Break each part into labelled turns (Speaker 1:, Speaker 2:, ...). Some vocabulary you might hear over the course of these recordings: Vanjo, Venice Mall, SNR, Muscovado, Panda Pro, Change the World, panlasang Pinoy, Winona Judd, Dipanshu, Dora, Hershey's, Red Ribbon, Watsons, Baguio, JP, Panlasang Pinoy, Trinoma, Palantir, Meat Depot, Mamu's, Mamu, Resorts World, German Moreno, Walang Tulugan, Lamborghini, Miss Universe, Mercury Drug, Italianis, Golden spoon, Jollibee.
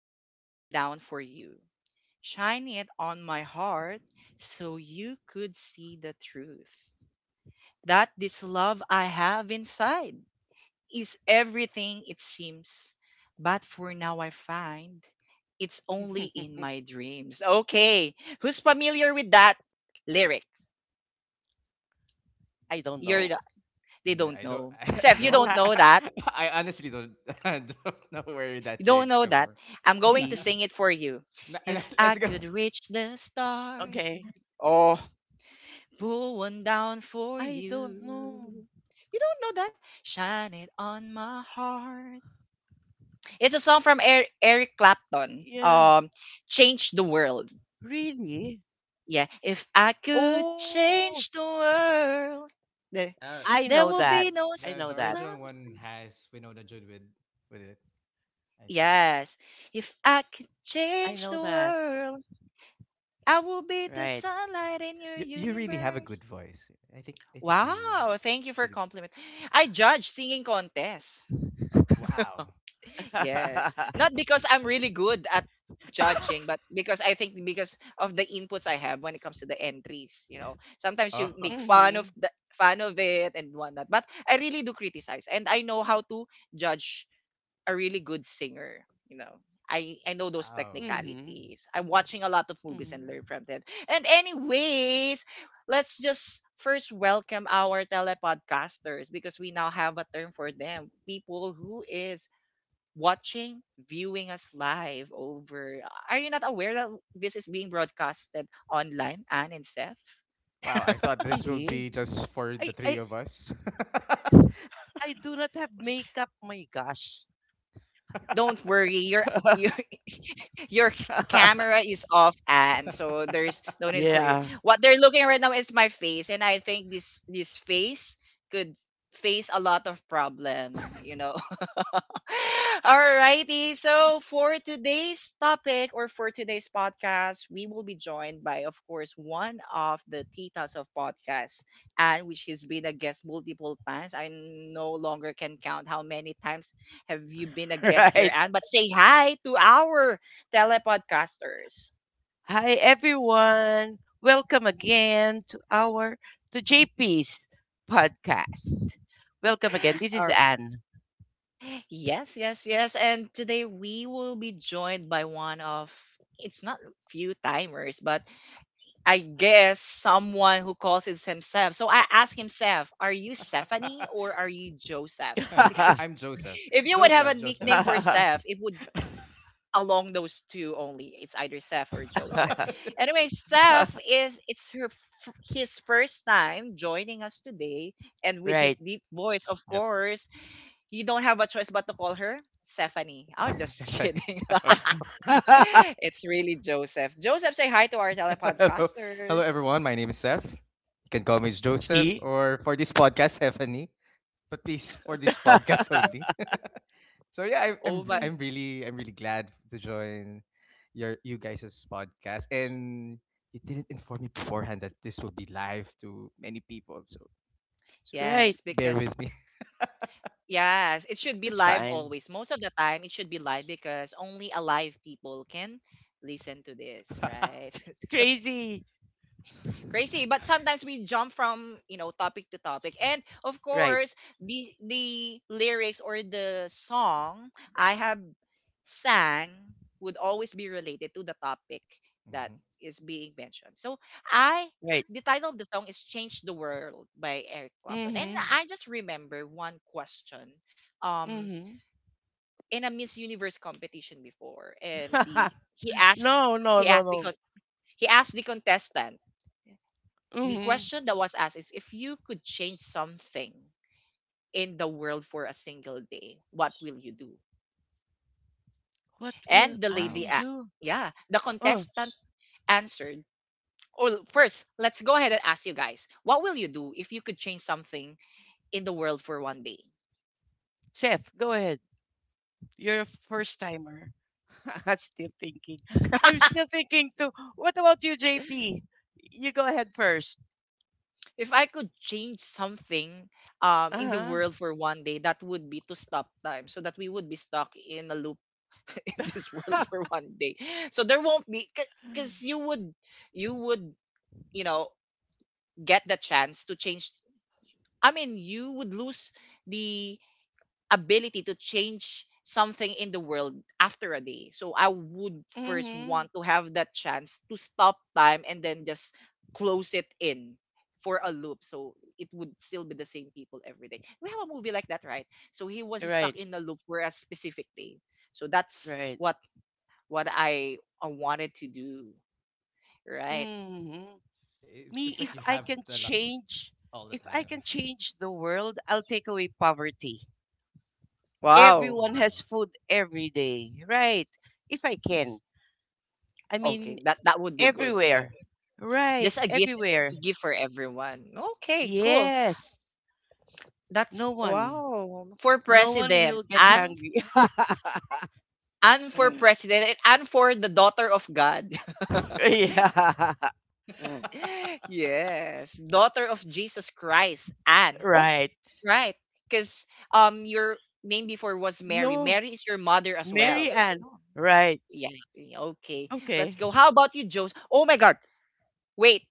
Speaker 1: pull one down for you, shine it on my heart so you could see the truth. That this love I have inside is everything it seems, but for now I find it's only in my dreams. Okay, who's familiar with that lyrics?
Speaker 2: I don't
Speaker 1: You're
Speaker 2: know.
Speaker 1: the- they
Speaker 3: And
Speaker 1: don't
Speaker 3: I don't.
Speaker 1: know. Seth, you don't
Speaker 2: Nope.
Speaker 1: know that.
Speaker 3: I honestly don't don't know where that
Speaker 1: You don't
Speaker 3: lyrics
Speaker 1: know
Speaker 3: come
Speaker 1: that.
Speaker 3: from.
Speaker 1: I'm going to
Speaker 3: Yeah,
Speaker 2: See?
Speaker 1: sing it for you.
Speaker 3: Na-
Speaker 1: If I
Speaker 3: let's go.
Speaker 1: could reach the stars,
Speaker 2: Okay.
Speaker 1: oh, pull one down for
Speaker 2: I don't know.
Speaker 1: you. You don't know that? Shine it on my heart. It's a song from Eric Clapton.
Speaker 2: Yeah.
Speaker 1: Change the World.
Speaker 2: Really?
Speaker 1: Yeah. If I could
Speaker 2: Oh,
Speaker 1: change the world, there,
Speaker 3: Uh,
Speaker 2: I
Speaker 1: there
Speaker 2: know
Speaker 3: uh,
Speaker 1: will
Speaker 2: that.
Speaker 3: you,
Speaker 1: be no
Speaker 2: I know
Speaker 3: the
Speaker 2: that.
Speaker 1: sun.
Speaker 3: original one has Winona Judd with it. I think
Speaker 1: Yes. If I could
Speaker 2: I
Speaker 1: change
Speaker 2: know
Speaker 1: the
Speaker 2: that.
Speaker 1: world. I will be the
Speaker 2: Right.
Speaker 1: sunlight in your
Speaker 3: you really have a good
Speaker 1: universe.
Speaker 3: voice. I think you
Speaker 1: Wow, thank you for
Speaker 3: should.
Speaker 1: compliment. I judge singing contest.
Speaker 3: Oh wow!
Speaker 1: Yes. Not because I'm really good at judging, but because I think because of the inputs I have when it comes to the entries, you know. Sometimes
Speaker 3: Oh
Speaker 1: you make fun
Speaker 2: Mm-hmm.
Speaker 1: of the fun of it and whatnot. But I really do criticize and I know how to judge a really good singer, you know. I know those
Speaker 3: wow!
Speaker 2: Mm-hmm.
Speaker 1: technicalities. I'm watching a lot of movies
Speaker 2: Mm-hmm.
Speaker 1: and learn from them. And anyways, let's just first welcome our telepodcasters because we now have a term for them. People who is watching, viewing us live over. Are you not aware that this is being broadcasted online, Anne and Seth?
Speaker 3: Wow! I thought this would be
Speaker 2: Really?
Speaker 3: just for the
Speaker 2: I,
Speaker 3: three
Speaker 2: I,
Speaker 3: of us.
Speaker 2: I do not have makeup. My gosh.
Speaker 1: Don't worry, you're you your camera is off and so there's no need for you.
Speaker 2: Yeah.
Speaker 1: What they're looking right now is my face, and I think this face could face a lot of problem, you know. Alrighty. So for today's topic or for today's podcast, we will be joined by, of course, one of the titas of podcasts, and which has been a guest multiple times. I no longer can count how many times have you been a guest here,
Speaker 2: Right.
Speaker 1: and but say hi to our telepodcasters.
Speaker 2: Hi everyone. Welcome again to our to JP's podcast. Welcome again. This is
Speaker 1: Or
Speaker 2: Anne.
Speaker 1: yes, yes, yes. And today we will be joined by one of, it's not few timers, but I guess someone who calls is himself. So I asked himself, "Are you Stephanie or are you Joseph?"
Speaker 3: I'm
Speaker 1: Because
Speaker 3: Joseph.
Speaker 1: if you would have
Speaker 3: Joseph,
Speaker 1: a
Speaker 3: Joseph.
Speaker 1: nickname for Seth, it would along those two only. It's either Seth or Joseph. Anyway, Seth is, it's her his first time joining us today, and with his
Speaker 2: Right.
Speaker 1: deep voice, of
Speaker 3: Yep.
Speaker 1: course, you don't have a choice but to call her Stephanie. I'm just
Speaker 3: Stephanie.
Speaker 1: kidding.
Speaker 3: Hello.
Speaker 1: it's really Joseph. Joseph, say hi to our
Speaker 3: Hello,
Speaker 1: telepodcasters.
Speaker 3: everyone. My name is Seth. You can call me Joseph
Speaker 2: See?
Speaker 3: or for this podcast, Stephanie. But please, for this podcast only. So yeah, I,
Speaker 1: Oh
Speaker 3: I'm I'm really I'm really glad to join your you guys' podcast. And you didn't inform me beforehand that this will be live to many people. So please
Speaker 2: Right.
Speaker 1: yes,
Speaker 3: bear
Speaker 1: because
Speaker 3: with me.
Speaker 1: yes, it should be
Speaker 2: That's
Speaker 1: live
Speaker 2: fine.
Speaker 1: always. Most of the time, it should be live because only alive people can listen to this, right?
Speaker 2: Crazy.
Speaker 1: crazy, but sometimes we jump from, you know, topic to topic, and of
Speaker 3: Yeah.
Speaker 2: Right.
Speaker 1: course the lyrics or the song I have sang would always be related to the topic that
Speaker 3: Hmm.
Speaker 1: is being mentioned. So I,
Speaker 2: Right.
Speaker 1: the title of the song is Change the World by Eric Clapton, and
Speaker 2: Mhm.
Speaker 1: I just remember one question, um,
Speaker 2: Mhm.
Speaker 1: in a Miss Universe competition before, and the he asked,
Speaker 2: No, no, no,
Speaker 1: he asked the
Speaker 2: no.
Speaker 1: he asked the contestant. The
Speaker 2: Mhm.
Speaker 1: question that was asked is, if you could change something in the world for a single day, what will you do?
Speaker 2: What will
Speaker 1: And the lady,
Speaker 2: I
Speaker 3: Wow.
Speaker 2: do?
Speaker 1: yeah, the
Speaker 2: Oh,
Speaker 1: contestant answered. Or first, let's go ahead and ask you guys, what will you do if you could change something in the world for one day?
Speaker 2: chef, go ahead. You're a first timer. I'm still thinking. I'm still thinking too. What about you, JP? You go ahead first.
Speaker 1: If I could change something, in the
Speaker 2: Uh
Speaker 1: world for one day, that would be to stop time so that we would be stuck in a loop in this
Speaker 2: huh.
Speaker 1: world for one day. So there won't be, because you would, you would you know get the chance to change, I mean, you would lose the ability to change something in the world after a day. So I would first
Speaker 2: hmm
Speaker 1: want to have that chance to stop time and then just close it in for a loop so it would still be the same people every day. We have a movie like that, right? So he was stuck
Speaker 2: Right,
Speaker 1: in a loop for a specific day. So that's
Speaker 2: right.
Speaker 1: what I wanted to do, right?
Speaker 2: hmm
Speaker 3: It's
Speaker 2: Me,
Speaker 3: it's like you have the all the
Speaker 2: if I
Speaker 3: time.
Speaker 2: can change the world, I'll take away poverty.
Speaker 1: Wow,
Speaker 2: Everyone has
Speaker 3: More.
Speaker 2: food every day, right? If I can. I
Speaker 1: okay,
Speaker 2: mean,
Speaker 1: that that would be good, you
Speaker 2: everywhere.
Speaker 1: know.
Speaker 2: Right,
Speaker 1: Just a
Speaker 2: everywhere.
Speaker 1: gift for everyone. Okay, cool.
Speaker 2: Yes. No
Speaker 1: That's
Speaker 2: one.
Speaker 1: wow. For
Speaker 2: No one
Speaker 1: president.
Speaker 2: will get hungry.
Speaker 1: And for president and for the daughter of God.
Speaker 2: Yeah.
Speaker 1: yes. Daughter of Jesus Christ. Anne. Oh,
Speaker 2: Right.
Speaker 1: right. Because, um, your name before was Mary.
Speaker 2: No,
Speaker 1: Mary is your mother as
Speaker 2: Mary
Speaker 1: well.
Speaker 2: Ann.
Speaker 1: Oh,
Speaker 2: Right.
Speaker 1: yeah. Okay. Let's
Speaker 2: Okay.
Speaker 1: go. How about you, Joseph? Oh my god. Wait.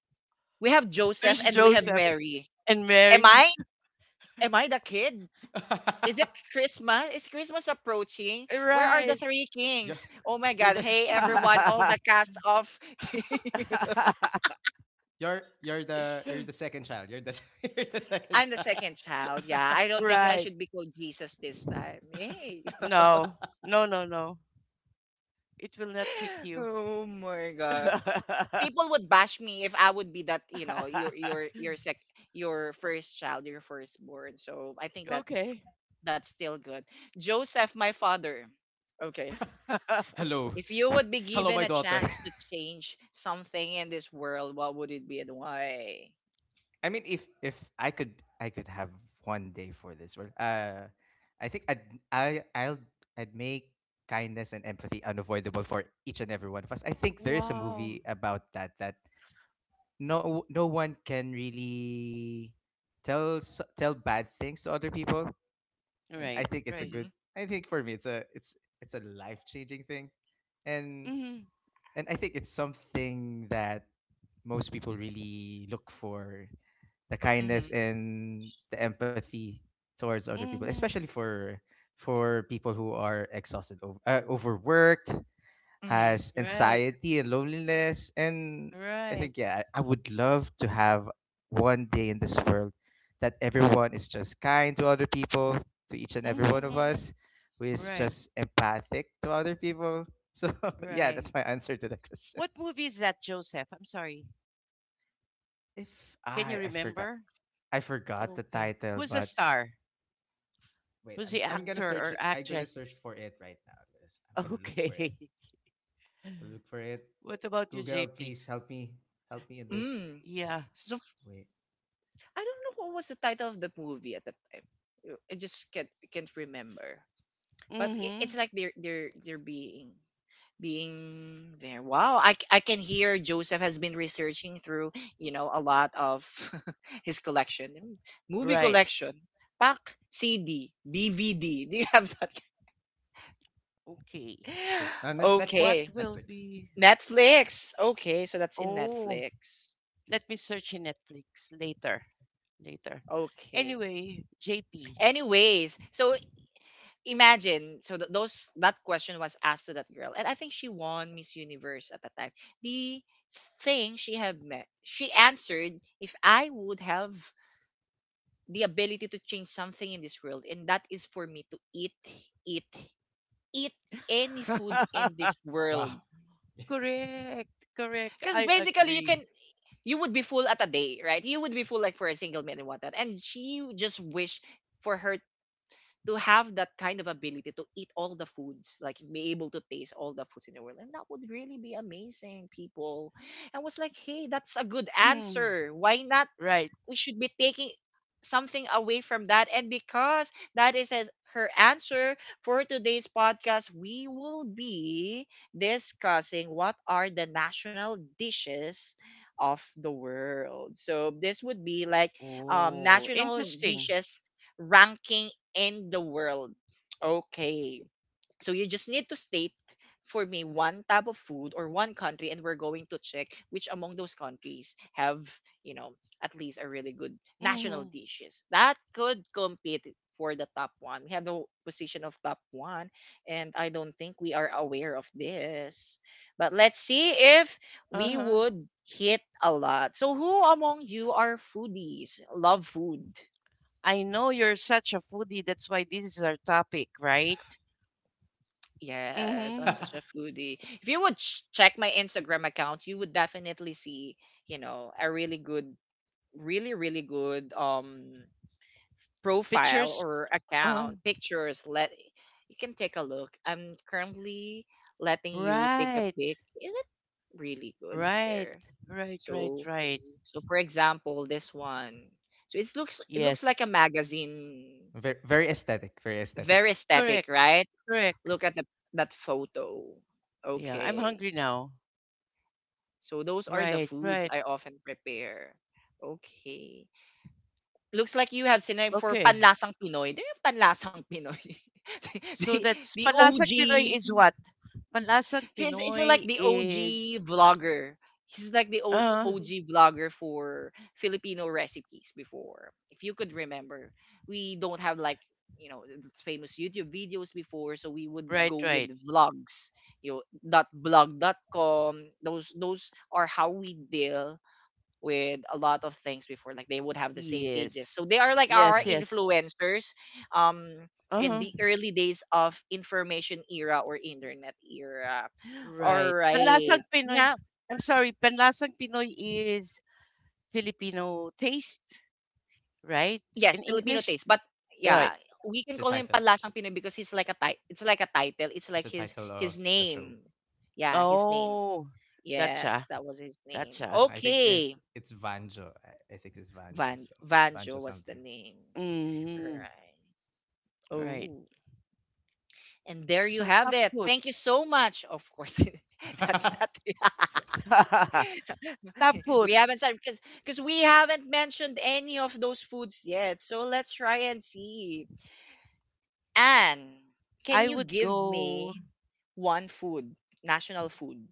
Speaker 1: We have Joseph
Speaker 2: There's
Speaker 1: and we have
Speaker 2: Joseph
Speaker 1: Mary.
Speaker 2: and
Speaker 1: Am
Speaker 2: Mary.
Speaker 1: I? Am I the kid? Is it Christmas? Is Christmas approaching? Where are the
Speaker 2: Right.
Speaker 1: three
Speaker 3: you're
Speaker 1: kings? Oh my
Speaker 3: you're
Speaker 1: God.
Speaker 3: the
Speaker 1: Hey, everyone, all the cast of.
Speaker 3: you're the second child. You're the you're the second
Speaker 1: I'm the
Speaker 3: child.
Speaker 1: second child. Yeah, I don't think I
Speaker 2: Right.
Speaker 1: should be called Jesus this time. Yay.
Speaker 2: No. No, no, no. It will not fit you.
Speaker 1: oh my God. People would bash me if I would be that, you know, your sec your first child, your firstborn. So I think that
Speaker 2: Okay.
Speaker 1: that's still good. Joseph, my father. Okay.
Speaker 3: Hello.
Speaker 1: If you would be
Speaker 3: Hello,
Speaker 1: given
Speaker 3: my
Speaker 1: a
Speaker 3: daughter.
Speaker 1: chance to change something in this world, what would it be and why?
Speaker 3: I mean, if I could, I could have one day for this world. I think I'd I I'll I'd make kindness and empathy unavoidable for each and every one of us. I think there is a
Speaker 2: Wow.
Speaker 3: movie about that, that no one can really tell bad things to other people. And I
Speaker 2: Right.
Speaker 3: think it's a
Speaker 2: Right.
Speaker 1: Mm-hmm.
Speaker 3: good, I think for me it's a it's a life changing thing. and
Speaker 2: Mm-hmm.
Speaker 3: and I think it's something that most people really look for, the kindness
Speaker 1: Mm-hmm.
Speaker 3: and the empathy towards other people, especially
Speaker 2: Mm-hmm.
Speaker 3: for people who are exhausted overworked,
Speaker 1: Mm-hmm.
Speaker 3: has
Speaker 2: Right.
Speaker 3: anxiety and loneliness. And I
Speaker 2: Right.
Speaker 3: think, yeah, I would love to have one day in this world that everyone is just kind to other people, to each and every one of
Speaker 2: Mm-hmm.
Speaker 3: us, who is
Speaker 2: Right.
Speaker 3: just empathic to other people. So, yeah,
Speaker 2: Right.
Speaker 3: that's my answer to the question.
Speaker 2: What movie is that, Joseph? I'm sorry.
Speaker 3: If
Speaker 2: Can you
Speaker 3: I
Speaker 2: remember?
Speaker 3: I forgot the
Speaker 2: Okay.
Speaker 3: title,
Speaker 2: Who's the
Speaker 3: but
Speaker 2: star?
Speaker 3: wait,
Speaker 2: Who's
Speaker 3: I'm
Speaker 2: the
Speaker 3: I'm gonna
Speaker 2: actor
Speaker 3: search
Speaker 2: or
Speaker 3: it. I'm gonna
Speaker 2: actress?
Speaker 3: search for it right now. I'm gonna look for
Speaker 2: Okay.
Speaker 3: it. To look for it.
Speaker 2: What about you,
Speaker 3: Google,
Speaker 2: JP?
Speaker 3: please help me. Help me in this.
Speaker 1: Mm.
Speaker 2: Yeah.
Speaker 1: So f-
Speaker 3: Wait.
Speaker 1: I don't know what was the title of the movie at that time. I just can't remember. But I
Speaker 2: Mm-hmm.
Speaker 1: it's like they're being being there. Wow, I, I can hear Joseph has been researching through, you know, a lot of his collection, movie
Speaker 2: Right.
Speaker 1: collection, pack CD, DVD. Do you have that?
Speaker 2: Okay.
Speaker 3: True.
Speaker 1: Okay.
Speaker 2: What
Speaker 3: Netflix.
Speaker 2: will
Speaker 3: Netflix.
Speaker 2: be?
Speaker 1: Netflix. Okay, so that's in
Speaker 2: Oh,
Speaker 1: Netflix.
Speaker 2: let me search in Netflix later. Later.
Speaker 1: Okay.
Speaker 2: Anyway, JP.
Speaker 1: Anyways, so imagine, so those that question was asked to that girl, and I think she won Miss Universe at that time. The thing she had met, she answered, "If I would have the ability to change something in this world, and that is for me to eat, eat, eat any food in this world."
Speaker 3: Wow.
Speaker 2: Correct. Correct.
Speaker 1: Because
Speaker 2: I
Speaker 1: basically you can,
Speaker 2: agree.
Speaker 1: you would be full at a day, right? You would be full like for a single man and whatnot. And she just wished for her to have that kind of ability to eat all the foods, like be able to taste all the foods in the world. And that would really be amazing, people. And was like, hey, that's a good
Speaker 2: Mm.
Speaker 1: answer. Why not,
Speaker 2: Right.
Speaker 1: we should be taking something away from that. And because that is her answer for today's podcast, we will be discussing what are the national dishes of the world. So this would be like,
Speaker 2: Oh,
Speaker 1: national
Speaker 2: interesting.
Speaker 1: dishes ranking in the world. Okay. So you just need to state for me one type of food or one country, and we're going to check which among those countries have, you know, at least a really good national
Speaker 2: Mm-hmm.
Speaker 1: dishes that could compete for the top one. We have the position of top one, and I don't think we are aware of this. But let's see if we
Speaker 2: Uh-huh.
Speaker 1: would hit a lot. So, who among you are foodies? Love food.
Speaker 2: I know you're such a foodie. That's why this is our topic, right?
Speaker 1: Yes, I'm
Speaker 2: Mm-hmm.
Speaker 1: such a foodie. If you would check my Instagram account, you would definitely see, you know, a really good, really, really good, um, profile
Speaker 2: Pictures.
Speaker 1: or
Speaker 2: Uh,
Speaker 1: account pictures. Let you can take a look. I'm currently letting you take a
Speaker 2: right.
Speaker 1: pic. Is it really good
Speaker 2: Right.
Speaker 1: there?
Speaker 2: Right, right,
Speaker 1: So,
Speaker 2: right.
Speaker 1: so for example, this one. So it looks
Speaker 2: Yes.
Speaker 1: like a magazine.
Speaker 3: Very, very aesthetic. Very aesthetic.
Speaker 1: Very aesthetic,
Speaker 2: Correct.
Speaker 1: right?
Speaker 2: Correct.
Speaker 1: Look at the that photo.
Speaker 2: Yeah, I'm
Speaker 1: Okay.
Speaker 2: hungry now.
Speaker 1: So those are the
Speaker 2: Right,
Speaker 1: foods
Speaker 2: right.
Speaker 1: I often prepare. Okay. Looks like you have sinay for
Speaker 2: Okay.
Speaker 1: panlasang Pinoy. Do you have panlasang Pinoy?
Speaker 2: So
Speaker 1: the,
Speaker 2: that's
Speaker 1: the
Speaker 2: Panlasang Pinoy
Speaker 1: OG.
Speaker 2: is what? Panlasang
Speaker 1: He's like
Speaker 2: Pinoy
Speaker 1: the OG
Speaker 2: is
Speaker 1: vlogger. He's like the
Speaker 2: uh
Speaker 1: OG vlogger for Filipino recipes before. If you could remember, we don't have like, you know, famous YouTube videos before, so we would
Speaker 2: right,
Speaker 1: go with
Speaker 2: right.
Speaker 1: vlogs. You know, dot blog.com. Those are how we deal with a lot of things before, like they would have the same pages,
Speaker 2: Yes.
Speaker 1: so they are like
Speaker 2: Yes,
Speaker 1: our
Speaker 3: Yeah.
Speaker 2: yes.
Speaker 1: influencers, um, in
Speaker 2: Uh-huh.
Speaker 1: the early days of information era or internet era. All
Speaker 2: Right.
Speaker 1: right
Speaker 2: Panlasang Pinoy
Speaker 1: yeah.
Speaker 2: I'm sorry, Panlasang Pinoy is Filipino taste, right?
Speaker 1: Yes,
Speaker 2: In
Speaker 1: Filipino
Speaker 2: English?
Speaker 1: taste, but yeah,
Speaker 2: Right.
Speaker 1: we
Speaker 3: It's
Speaker 1: can
Speaker 3: a
Speaker 1: call him
Speaker 3: title. It's a,
Speaker 1: palasang pinoy because he's like a it's like a title, it's
Speaker 3: it's
Speaker 1: like
Speaker 3: a
Speaker 1: his
Speaker 3: title
Speaker 1: his
Speaker 3: of the show.
Speaker 1: name. Yeah, his name.
Speaker 2: Oh,
Speaker 1: Yes,
Speaker 2: gotcha.
Speaker 1: that was his name.
Speaker 2: Gotcha.
Speaker 3: I think
Speaker 1: Okay.
Speaker 3: it's Vanjo. I think it's Vanjo. So
Speaker 1: Vanjo
Speaker 3: Vanjo
Speaker 1: was the
Speaker 3: something.
Speaker 1: name,
Speaker 2: Mm,
Speaker 1: right?
Speaker 2: right.
Speaker 1: Oh, and there you
Speaker 2: So
Speaker 1: have
Speaker 2: top
Speaker 1: it. Thank you
Speaker 2: foods.
Speaker 1: so much. Of course, that's not.
Speaker 2: Top
Speaker 1: we haven't
Speaker 2: foods.
Speaker 1: started because we haven't mentioned any of those foods yet. So let's try and see. Anne, can
Speaker 2: I
Speaker 1: you
Speaker 2: would
Speaker 1: give
Speaker 2: go
Speaker 1: me one food, national food?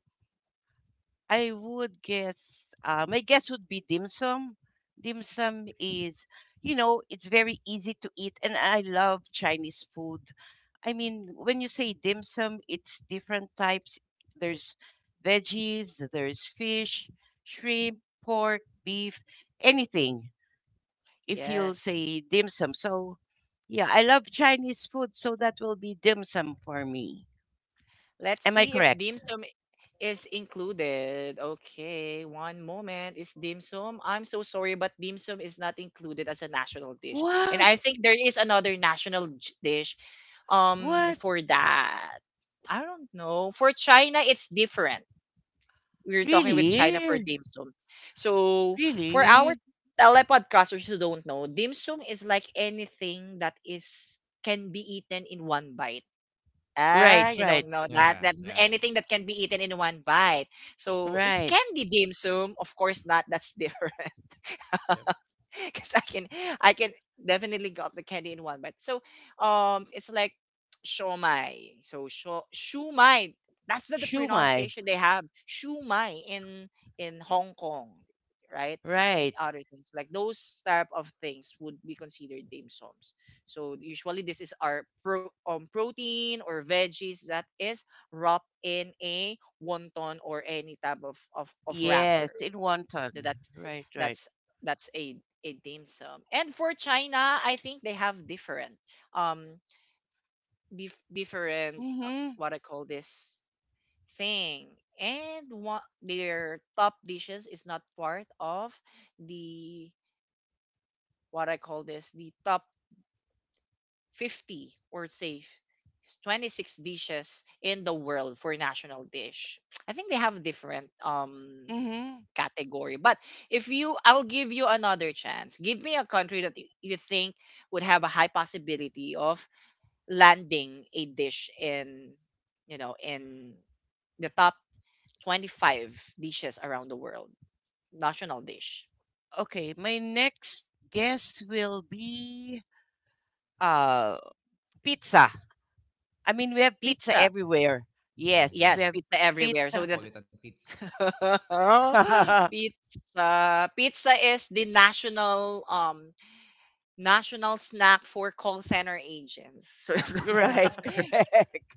Speaker 2: I would guess, my guess would be dim sum. Dim sum is, it's very easy to eat, and I love Chinese food. I mean, when you say dim sum, it's different types. There's veggies, there's fish, shrimp, pork, beef, anything. If you'll
Speaker 1: Yes.
Speaker 2: say dim sum. So, yeah, I love Chinese food, so that will be dim sum for me.
Speaker 1: Let's
Speaker 2: Am I
Speaker 1: see if dim
Speaker 2: correct?
Speaker 1: sum is included. Okay, one moment. Is dim sum? I'm so sorry, but dim sum is not included as a national dish. And
Speaker 2: What?
Speaker 1: I think there is another national dish, um,
Speaker 2: What?
Speaker 1: for that. I don't know. For China, it's different. We're talking with China for
Speaker 2: Really?
Speaker 1: dim sum. So for our
Speaker 2: Really?
Speaker 1: telepodcasters who don't know, dim sum is like anything that is can be eaten in one bite.
Speaker 2: Right,
Speaker 1: Ah, you
Speaker 2: right,
Speaker 1: don't know that.
Speaker 3: yeah.
Speaker 1: That's
Speaker 3: Yeah.
Speaker 1: anything that can be eaten in one bite. So is
Speaker 2: right.
Speaker 1: candy dim sum? Of course not. That's different.
Speaker 3: yep.
Speaker 1: Because I can definitely gulp the candy in one bite. So it's like shomai. So sho shumai. That's the
Speaker 2: Shumai,
Speaker 1: pronunciation they have. Shumai in Hong Kong, right? And
Speaker 2: right.
Speaker 1: other things like those type of things would be considered dim sums. So usually this is our protein or veggies that is wrapped in a wonton or any type of of
Speaker 2: Yes,
Speaker 1: wrapper.
Speaker 2: in wonton.
Speaker 1: No, That's
Speaker 2: Right, right.
Speaker 1: that's that's a dim sum. And for China, I think they have different um different
Speaker 2: Mm-hmm.
Speaker 1: what I call this thing. And one their top dishes is not part of the what I call this the top 50 or say 26 dishes in the world for national dish. I think they have different
Speaker 2: Mm-hmm.
Speaker 1: category. But if you, I'll give you another chance. Give me a country that you think would have a high possibility of landing a dish in, you know, in the top 25 dishes around the world. National dish.
Speaker 2: Okay, my next guess will be uh pizza. I mean, we have pizza
Speaker 1: Pizza.
Speaker 2: everywhere.
Speaker 3: Oh
Speaker 2: Yes, we
Speaker 3: yeah.
Speaker 1: Yes,
Speaker 2: have
Speaker 1: pizza everywhere. So
Speaker 2: pizza.
Speaker 1: that
Speaker 3: Napolitan pizza.
Speaker 1: pizza is the national national snack for call center agents. So
Speaker 2: Right, correct.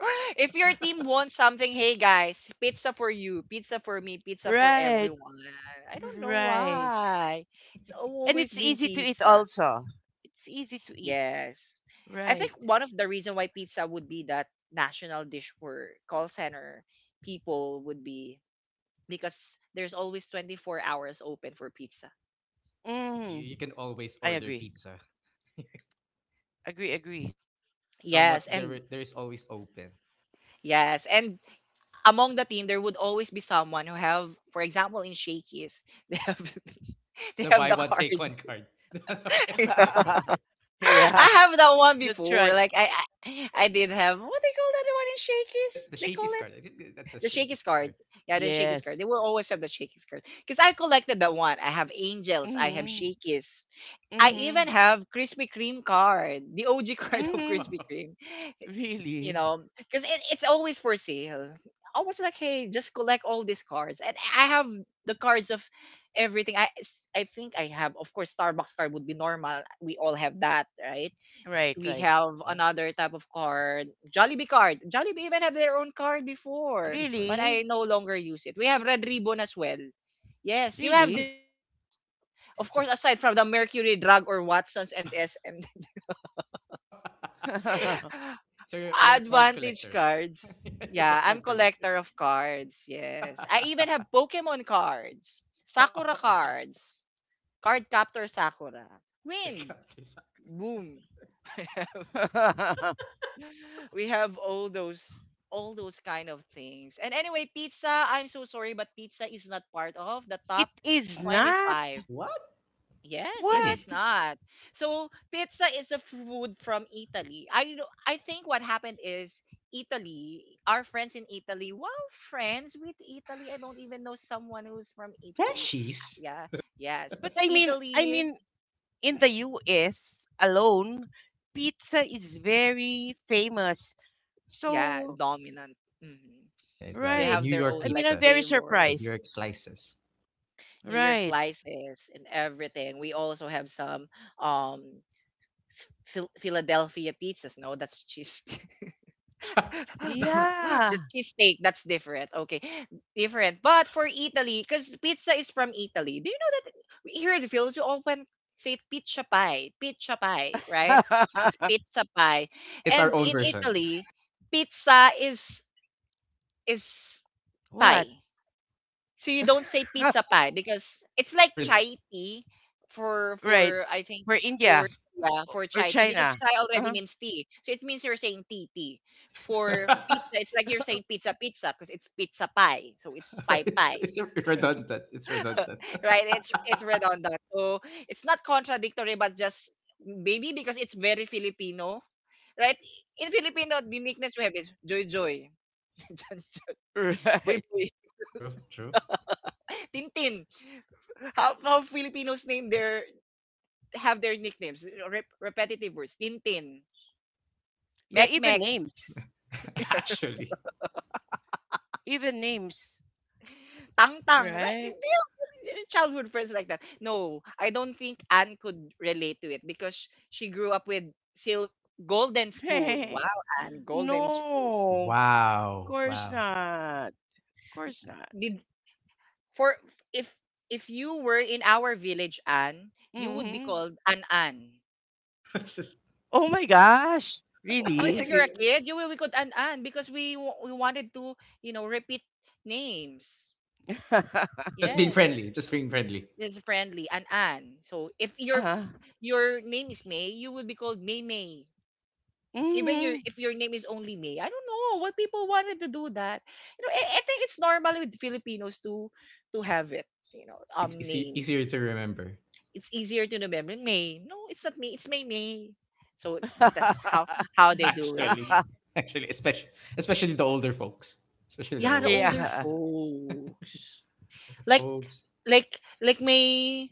Speaker 1: If your team wants something, hey guys, pizza for you, pizza for me, pizza for
Speaker 2: Right,
Speaker 1: everyone. I don't know
Speaker 2: right.
Speaker 1: why. It's
Speaker 2: And
Speaker 1: always
Speaker 2: it's
Speaker 1: been
Speaker 2: easy to eat
Speaker 1: pizza.
Speaker 2: also. It's easy to eat.
Speaker 1: Yes. I think
Speaker 2: Right.
Speaker 3: True.
Speaker 1: one of the reason why pizza would be that national dish for call center people would be because there's always 24 hours open for pizza.
Speaker 3: You,
Speaker 2: Mm,
Speaker 3: you can always
Speaker 2: I
Speaker 3: order
Speaker 2: agree.
Speaker 3: pizza.
Speaker 2: Agree, agree.
Speaker 1: Yes,
Speaker 3: Somewhat there
Speaker 1: and
Speaker 3: i- there is always open.
Speaker 1: yes, and among the team there would always be someone who have, for example, in Shakey's, they have they
Speaker 3: The
Speaker 1: have
Speaker 3: buy
Speaker 1: the
Speaker 3: one
Speaker 1: card.
Speaker 3: take one card. the buy one take one card.
Speaker 2: Yeah,
Speaker 1: I have that one
Speaker 2: that's
Speaker 1: before.
Speaker 2: right.
Speaker 1: I did have what they call that one in Shakey's?
Speaker 3: The
Speaker 1: They call
Speaker 3: shaky
Speaker 1: it
Speaker 3: card. I think that's a
Speaker 1: the
Speaker 3: shaky
Speaker 1: Shakey's
Speaker 3: card.
Speaker 1: card. Yeah, the Shakey's card. They
Speaker 2: Yes.
Speaker 1: will always have the Shakey's card because I collected that one. I have Angels. I have
Speaker 2: Mm-hmm.
Speaker 1: Shakey's. I
Speaker 2: Mm-hmm.
Speaker 1: even have Krispy Kreme card, the OG card of
Speaker 2: Mm-hmm.
Speaker 1: Krispy Kreme. You
Speaker 2: Really?
Speaker 1: know, because it's always for sale. I was like, hey, just collect all these cards, and I have the cards of everything. I think I have, of course, Starbucks card would be normal. We all have that, right?
Speaker 2: Right,
Speaker 1: We
Speaker 2: right.
Speaker 3: Yeah,
Speaker 1: have
Speaker 3: yeah.
Speaker 1: another type of card. Jollibee even have their own card before,
Speaker 3: Jollibee card.
Speaker 1: but I
Speaker 2: Really?
Speaker 1: no longer use it. We have Red Ribbon as well. Yes, you have
Speaker 2: Really?
Speaker 1: discounts. Of
Speaker 3: So,
Speaker 1: course, aside from the Mercury Drug or Watsons and SM
Speaker 3: so, so you're, you're a card
Speaker 1: Advantage
Speaker 3: collector.
Speaker 1: cards.
Speaker 3: You're a
Speaker 1: Yeah, I'm
Speaker 3: card collector.
Speaker 1: collector of cards. Yes. I even have
Speaker 3: Oh,
Speaker 1: Pokemon cards, Sakura
Speaker 3: wow.
Speaker 1: cards, Card Captor Sakura,
Speaker 3: Fresh
Speaker 1: Wind,
Speaker 3: counter.
Speaker 1: Boom. We have all those kind of things. And anyway, pizza, I'm so sorry, but pizza is not part of the
Speaker 2: It
Speaker 1: top
Speaker 2: is not.
Speaker 1: 25.
Speaker 3: What?
Speaker 1: Yes, it is
Speaker 3: Really?
Speaker 2: What?
Speaker 1: not. So pizza is a food from Italy. I know- I think what happened is Italy, our friends in Italy, wow, friends with Italy. I don't even know someone who's from Italy. Ah,
Speaker 3: Freshies?
Speaker 1: yeah, yes.
Speaker 2: But I mean, I
Speaker 1: Italy,
Speaker 2: mean, in the US alone, pizza is very famous.
Speaker 1: yeah,
Speaker 2: So,
Speaker 1: dominant. Mhm.
Speaker 3: And
Speaker 1: They
Speaker 2: right.
Speaker 3: the
Speaker 1: have
Speaker 3: New
Speaker 1: their
Speaker 3: York
Speaker 1: own
Speaker 2: I mean,
Speaker 1: like
Speaker 2: I'm very
Speaker 3: pizzas. The
Speaker 1: flavors.
Speaker 3: New
Speaker 2: surprised.
Speaker 3: York slices.
Speaker 1: New York
Speaker 2: Right.
Speaker 1: slices and everything. We also have some um Philadelphia pizzas. No, that's cheese. The
Speaker 2: Yeah.
Speaker 1: cheesesteak, that's different. Okay, different. But for Italy, because pizza is from Italy. Do you know that here in the Philippines we often say pizza pie, right? It's pizza pie,
Speaker 3: It's our
Speaker 1: and
Speaker 3: own
Speaker 1: in
Speaker 3: version.
Speaker 1: Italy, pizza is pie.
Speaker 2: What?
Speaker 1: So you don't say pizza pie because it's like
Speaker 3: It's, re-
Speaker 1: chai tea
Speaker 2: Right.
Speaker 1: for I think
Speaker 2: Or
Speaker 1: for
Speaker 2: India
Speaker 3: it's,
Speaker 1: yeah for
Speaker 2: or
Speaker 1: chai tea because
Speaker 2: China.
Speaker 1: chai already
Speaker 2: uh
Speaker 1: means tea, so it means you're saying tea tea. For pizza, it's like you're saying pizza pizza because it's pizza pie, so it's pie
Speaker 3: it's,
Speaker 1: pie,
Speaker 3: it's redundant. It's redundant.
Speaker 1: right? It's redundant, so it's not contradictory, but just maybe because it's very Filipino, right? In Filipino, the nicknames we have is Joy Joy, Boy
Speaker 2: Right.
Speaker 1: Boy,
Speaker 3: True, true.
Speaker 1: Tintin. How Filipinos name their have their nicknames, eh, repetitive words. Tintin,
Speaker 2: Yeah,
Speaker 1: Mek
Speaker 2: even
Speaker 1: Mek,
Speaker 2: names.
Speaker 3: Actually.
Speaker 2: Even names.
Speaker 1: Tang Tang. Right? Do
Speaker 2: Right?
Speaker 1: you childhood friends like that? No, I don't think Anne could relate to it because she grew up with sil- Golden Spoon. Wow, Anne, Golden Spoon.
Speaker 2: No. Of
Speaker 3: Wow,
Speaker 2: course
Speaker 3: wow.
Speaker 2: not. Of course not.
Speaker 1: Did for if if you were in our village, Anne, you would be
Speaker 2: Mm-hmm.
Speaker 1: called An Anne.
Speaker 3: That's just,
Speaker 2: Oh my gosh.
Speaker 3: I
Speaker 1: If
Speaker 2: Really?
Speaker 3: think
Speaker 1: you're
Speaker 3: it,
Speaker 1: a kid, you will be called An Anne because we wanted to you know repeat names.
Speaker 2: uh,
Speaker 3: just being
Speaker 1: Yes.
Speaker 3: friendly, just being friendly.
Speaker 1: It's friendly, an Ann. So if your name is May, you will be called May May. Even your
Speaker 2: mm-hmm.
Speaker 1: if your name is only May, I don't know what people wanted to do that. You know, I think it's normal with Filipinos to have it. You know,
Speaker 3: It's easy,
Speaker 1: name.
Speaker 3: easier to remember.
Speaker 1: It's easier to remember May. No, it's not May. It's May May. So that's how they do it.
Speaker 3: Actually. Actually, especially the older folks, especially the
Speaker 1: Yeah, the
Speaker 3: older
Speaker 1: older
Speaker 3: folks,
Speaker 2: Yeah.
Speaker 3: older
Speaker 1: folks like
Speaker 3: folks.
Speaker 1: like like my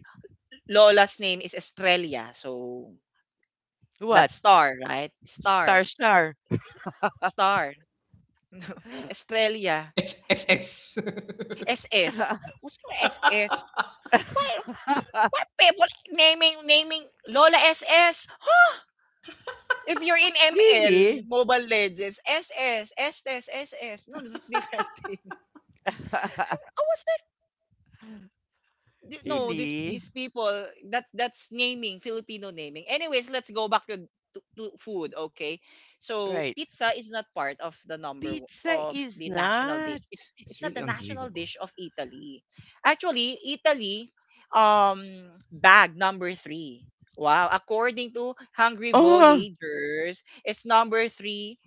Speaker 1: lola's name is Estrella. So that
Speaker 2: What?
Speaker 1: star, right? Star.
Speaker 2: Star star.
Speaker 1: Star. Estrella.
Speaker 3: SSS.
Speaker 1: SS. What's your SS? Why, why people naming Lola SS? Huh? If you're in ML,
Speaker 2: Really?
Speaker 1: Mobile Legends, SS, SS, SS. No, that's different thing. I was Th- no these these
Speaker 2: Really?
Speaker 1: people that's naming filipino naming. Anyways, let's go back to, to food. Okay, so
Speaker 2: Right.
Speaker 1: pizza is not part of the
Speaker 2: Pizza is
Speaker 1: national dish.
Speaker 2: not.
Speaker 1: it's
Speaker 3: It's
Speaker 1: it's not
Speaker 3: really
Speaker 1: the national
Speaker 3: unbelievable.
Speaker 1: dish of Italy. Actually, Italy um bag number three. Wow, according to Hungry
Speaker 2: Oh,
Speaker 1: Voyagers, it's number three.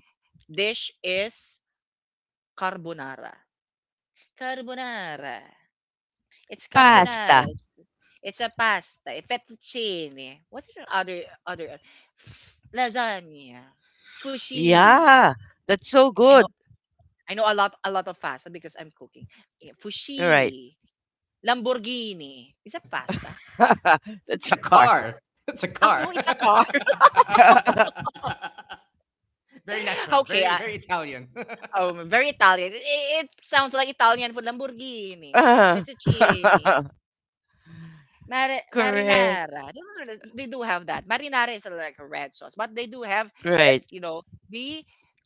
Speaker 1: Dish is carbonara. Carbonara. It's
Speaker 3: Oh wow,
Speaker 1: carbonara.
Speaker 2: pasta.
Speaker 1: It's a pasta. Eh, fettuccine. What's the other lasagna? Fusilli.
Speaker 2: Yeah, that's so
Speaker 1: I know
Speaker 2: good.
Speaker 1: I know a lot of pasta because I'm cooking. Yeah,
Speaker 2: You right.
Speaker 1: fusilli. Lamborghini. Is that pasta?
Speaker 3: it's
Speaker 2: That's a
Speaker 3: a
Speaker 2: car.
Speaker 3: car. It's a
Speaker 1: Oh
Speaker 3: car.
Speaker 1: no, it's a car.
Speaker 3: Very natural,
Speaker 1: okay,
Speaker 3: very
Speaker 1: I,
Speaker 3: very Italian.
Speaker 1: very Italian. It sounds like Italian food. Lamborghini,
Speaker 2: Ah,
Speaker 1: fettuccine,
Speaker 2: Correct.
Speaker 1: marinara. They do have that. Marinara is like a red sauce, but they do have
Speaker 2: Right.
Speaker 1: you know, the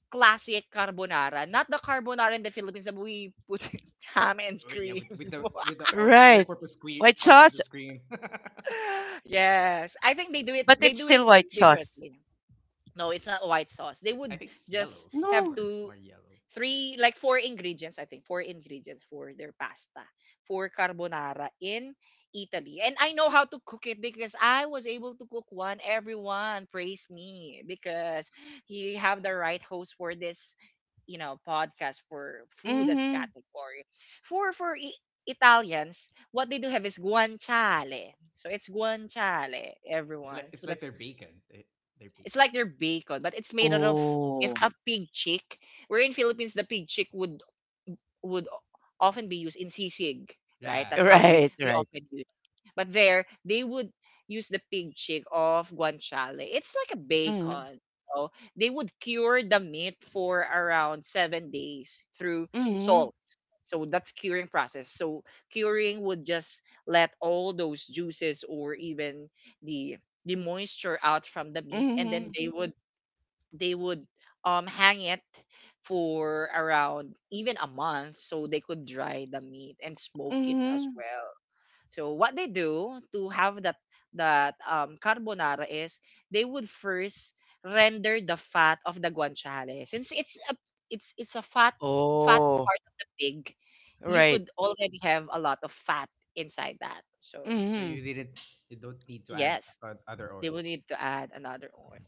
Speaker 1: classic carbonara, not the carbonara in the Philippines that we put ham
Speaker 3: Yeah,
Speaker 1: and
Speaker 3: yeah,
Speaker 1: cream.
Speaker 3: with the all
Speaker 2: Right.
Speaker 3: purpose screen,
Speaker 2: White
Speaker 3: all
Speaker 2: sauce,
Speaker 3: purpose cream.
Speaker 1: Yes, I think they do it.
Speaker 2: but
Speaker 1: They
Speaker 2: it's
Speaker 1: do
Speaker 2: still
Speaker 1: it
Speaker 2: white sauce.
Speaker 1: differently. No, it's not white sauce. They
Speaker 3: I
Speaker 1: would
Speaker 3: think it's
Speaker 1: just
Speaker 3: yellow
Speaker 1: have
Speaker 2: No.
Speaker 3: or
Speaker 1: to
Speaker 3: more yellow.
Speaker 1: three like four ingredients. I think four ingredients for their pasta for carbonara in Italy. And I know how to cook it because I was able to cook one. Everyone praised me because he have the right host for this you know podcast for food as
Speaker 2: Mm-hmm.
Speaker 1: category. For for I- Italians, what they do have is guanciale. So it's guanciale,
Speaker 3: It's like
Speaker 1: everyone.
Speaker 3: it's
Speaker 1: So
Speaker 3: like
Speaker 1: that's
Speaker 3: their bacon. Their
Speaker 1: it's
Speaker 3: bacon.
Speaker 1: like their bacon, but it's made out of if
Speaker 2: Oh.
Speaker 1: a pig cheek. We're in Philippines, the pig cheek would often be used in sisig, right?
Speaker 3: Yeah,
Speaker 1: That's how
Speaker 3: yeah.
Speaker 2: Right,
Speaker 1: we
Speaker 2: right.
Speaker 1: often use. But there, they would use the pig cheek of guanciale. It's like a
Speaker 2: Mm-hmm.
Speaker 1: bacon. So they would cure the meat for around 7 days through
Speaker 2: Mm-hmm.
Speaker 1: salt. So that's curing process. So curing would just let all those juices or even the the moisture out from the meat, and then
Speaker 2: Mm-hmm.
Speaker 1: they would hang it for around even a month so they could dry the meat and smoke it
Speaker 2: Mm-hmm.
Speaker 1: as well. So what they do to have that carbonara is they would first render the fat of the guanciale. Since it's a fat
Speaker 2: Oh.
Speaker 1: part of the pig, you
Speaker 2: Right.
Speaker 1: could already have a lot of fat inside that. So
Speaker 3: So you
Speaker 2: Mm-hmm.
Speaker 3: didn't you don't need to add
Speaker 1: yes,
Speaker 3: other
Speaker 1: they will
Speaker 3: oils.
Speaker 1: need to add another oil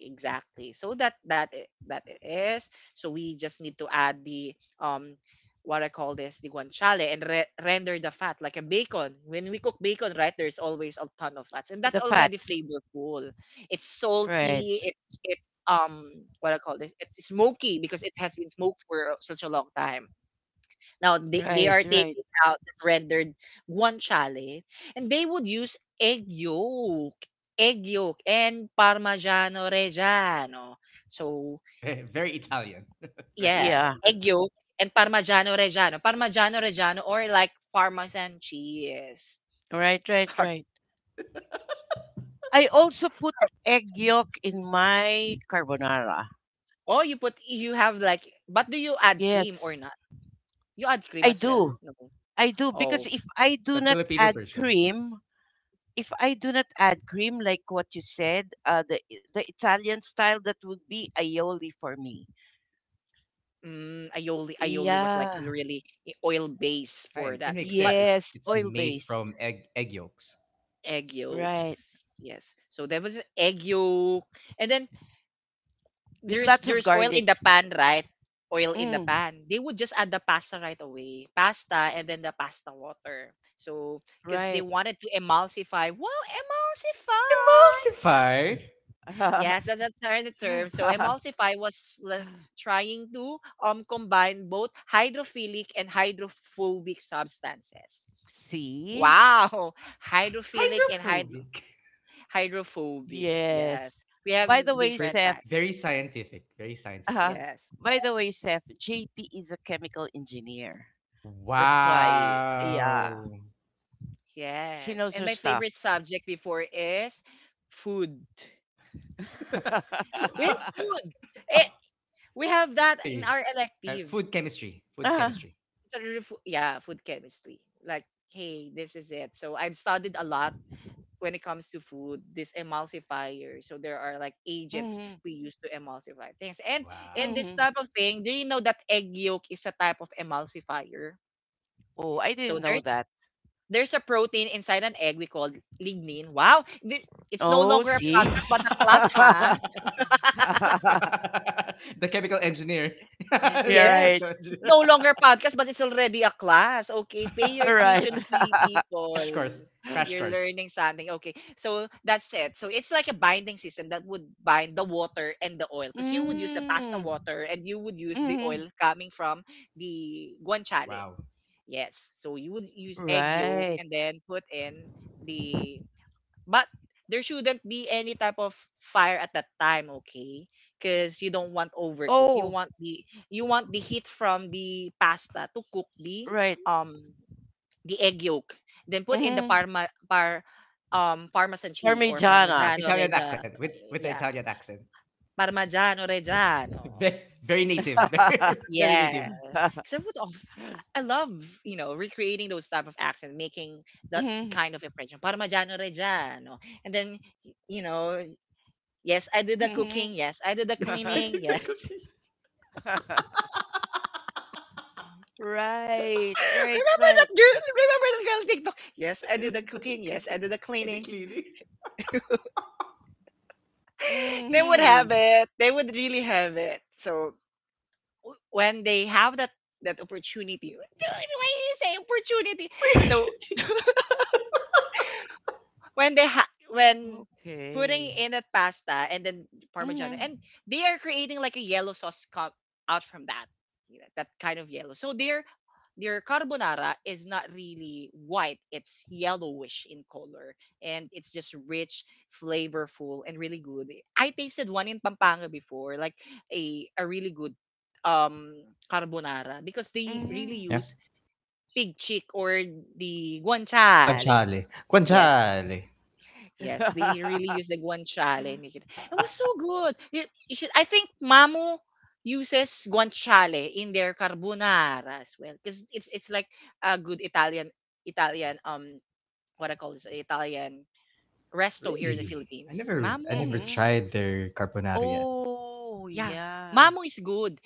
Speaker 1: exactly so that that it is. So we just need to add the um what I call this the guanciale and render the fat like a bacon. When we cook bacon, right, there's always a ton of fats and that's
Speaker 2: The fat.
Speaker 1: already flavorful. It's
Speaker 2: Right.
Speaker 1: salty it's um what I call this, it's smoky because it has been smoked for such a long time. Now they
Speaker 2: Right.
Speaker 1: are
Speaker 2: Right.
Speaker 1: taking out the rendered guanciale, and they would use egg yolk and Parmigiano Reggiano. So
Speaker 3: Very, very Italian. Very,
Speaker 1: yes,
Speaker 2: Yeah.
Speaker 1: egg yolk and Parmigiano Reggiano, Parmigiano Reggiano or like Parmesan cheese.
Speaker 2: Right, right,
Speaker 1: Par-
Speaker 2: right. I also put egg yolk in my carbonara.
Speaker 1: Oh, you have like, but do you add cream
Speaker 2: Yes,
Speaker 1: or not? You add cream
Speaker 2: I
Speaker 1: as well?
Speaker 2: do.
Speaker 1: No.
Speaker 2: I do because
Speaker 1: Oh,
Speaker 3: the Filipino version.
Speaker 2: if I do not add cream like what you said, the Italian style that would be aioli for me.
Speaker 1: mm, aioli was like
Speaker 2: Yeah.
Speaker 1: really oil base for
Speaker 3: It
Speaker 1: that.
Speaker 3: makes
Speaker 1: But
Speaker 3: sense. It,
Speaker 2: Yes,
Speaker 3: it's
Speaker 2: oil
Speaker 3: made
Speaker 2: based.
Speaker 3: from egg yolks.
Speaker 1: egg
Speaker 2: Right.
Speaker 1: yolks. Yes. So there was egg yolk, and then
Speaker 2: With lots of
Speaker 1: there's oil
Speaker 2: garlic.
Speaker 1: in the pan, right? Oil in the
Speaker 2: Mm,
Speaker 1: pan. They would just add the pasta right away, pasta, and then the pasta water. So because they
Speaker 2: right.
Speaker 1: wanted to emulsify. Wow, emulsify.
Speaker 3: Emulsify.
Speaker 1: Yes, that's the term. So emulsify was trying to combine both hydrophilic and hydrophobic substances.
Speaker 2: See?
Speaker 1: Wow, hydrophilic and hyd
Speaker 3: Hydrophobic.
Speaker 1: Hydrophobic. Yes.
Speaker 2: Yes.
Speaker 1: We have
Speaker 2: By the way,
Speaker 3: Very,
Speaker 1: different
Speaker 2: Sam,
Speaker 1: type.
Speaker 3: very scientific. Very scientific.
Speaker 2: uh
Speaker 1: Yes.
Speaker 2: By the way, Seth, JP is a chemical engineer. That's why, yeah,
Speaker 3: Wow.
Speaker 2: she
Speaker 1: Yes.
Speaker 2: knows her
Speaker 1: And my
Speaker 2: stuff.
Speaker 1: favorite subject before is food. We have food. It,
Speaker 3: of
Speaker 1: we have that in
Speaker 3: Really?
Speaker 1: our electives.
Speaker 3: Food chemistry. Food
Speaker 2: uh,
Speaker 3: chemistry.
Speaker 1: It's a real fo- Yeah, food chemistry. Like, hey, this is it. So I've studied a lot when it comes to food, this emulsifier. So there are like agents
Speaker 2: hmm
Speaker 1: we use to emulsify things. And in
Speaker 3: Wow.
Speaker 1: this
Speaker 2: hmm
Speaker 1: type of thing, do you know that egg yolk is a type of emulsifier?
Speaker 2: Oh, I
Speaker 1: So
Speaker 2: didn't
Speaker 1: there
Speaker 2: know that.
Speaker 1: There's a protein inside an egg we call lignin. Wow! This, it's no
Speaker 2: Oh,
Speaker 1: longer a
Speaker 2: see?
Speaker 1: podcast but a class, ha?
Speaker 3: The chemical engineer.
Speaker 2: You're
Speaker 3: The
Speaker 1: Yes.
Speaker 2: right.
Speaker 3: chemical
Speaker 1: It's
Speaker 3: engineer.
Speaker 1: no longer a podcast but it's already a class. Okay, pay your
Speaker 2: Right.
Speaker 1: tuition fee, people.
Speaker 3: Crash course. Crash
Speaker 1: You're
Speaker 3: course.
Speaker 1: learning something. Okay, so that's it. So it's like a binding system that would bind the water and the oil because you would use the pasta
Speaker 2: Mm,
Speaker 1: water and you would use the oil
Speaker 2: mm,
Speaker 1: coming from the guanciale.
Speaker 3: Wow.
Speaker 1: Yes. So you would use egg yolk
Speaker 2: right.
Speaker 1: and then put in the But there shouldn't be any type of fire at that time, okay? Because you don't want overcook.
Speaker 2: Oh,
Speaker 1: You want the heat from the pasta to cook
Speaker 2: right.
Speaker 1: um the egg yolk. Then put in the
Speaker 2: Mm,
Speaker 1: parma par parmesan cheese or
Speaker 2: Parmigiana.
Speaker 1: parmigiano
Speaker 3: Italian
Speaker 1: reggiano.
Speaker 3: accent with the
Speaker 1: Yeah,
Speaker 3: Italian accent.
Speaker 1: parmigiano reggiano.
Speaker 3: Very, very native. Very, very native.
Speaker 1: Yes, because I would of- I love you know recreating those type of accents, making that
Speaker 2: Mm,
Speaker 1: kind of impression. Parmigiano reggiano, and then you know. Yes, I do the cooking.
Speaker 2: hmm.
Speaker 1: Yes, I do the
Speaker 3: I
Speaker 1: cleaning.
Speaker 3: did the
Speaker 1: Yes.
Speaker 3: cooking.
Speaker 2: Right, right,
Speaker 1: Remember that
Speaker 2: right.
Speaker 1: girl? Remember that girl on TikTok? Yes, I
Speaker 3: I
Speaker 1: do
Speaker 3: did
Speaker 1: the
Speaker 3: the
Speaker 1: cooking. Yes, I
Speaker 3: cooking.
Speaker 1: do the
Speaker 3: And the
Speaker 1: cleaning.
Speaker 3: cleaning.
Speaker 1: They would have
Speaker 2: Mm-hmm.
Speaker 1: it. They would really have it. So when they have that opportunity, why do you say opportunity? So when putting
Speaker 2: Okay.
Speaker 1: in a pasta and then parmigiano and
Speaker 2: Mm-hmm.
Speaker 1: they are creating like a yellow sauce out from that, you know, that kind of yellow. So their carbonara is not really white, it's yellowish in color, and it's just rich, flavorful, and really good. I tasted one in Pampanga before, like a really good um carbonara because they really
Speaker 2: Mm-hmm.
Speaker 3: Yeah.
Speaker 1: use pig cheek or the guanciale.
Speaker 3: Guanciale.
Speaker 1: Yes,
Speaker 3: Guanciale.
Speaker 1: yes, they really use the guanciale and make it. It was so good. You should. I think Mamu uses guanciale in their carbonara as well because it's like a good Italian Italian, what I call this Italian resto here in the
Speaker 3: Really? I
Speaker 1: Philippines.
Speaker 3: never I
Speaker 1: Mamu,
Speaker 3: never
Speaker 2: Mm-hmm.
Speaker 3: tried their carbonara yet.
Speaker 2: Oh,
Speaker 1: yeah,
Speaker 2: yeah.
Speaker 1: Mamu is good.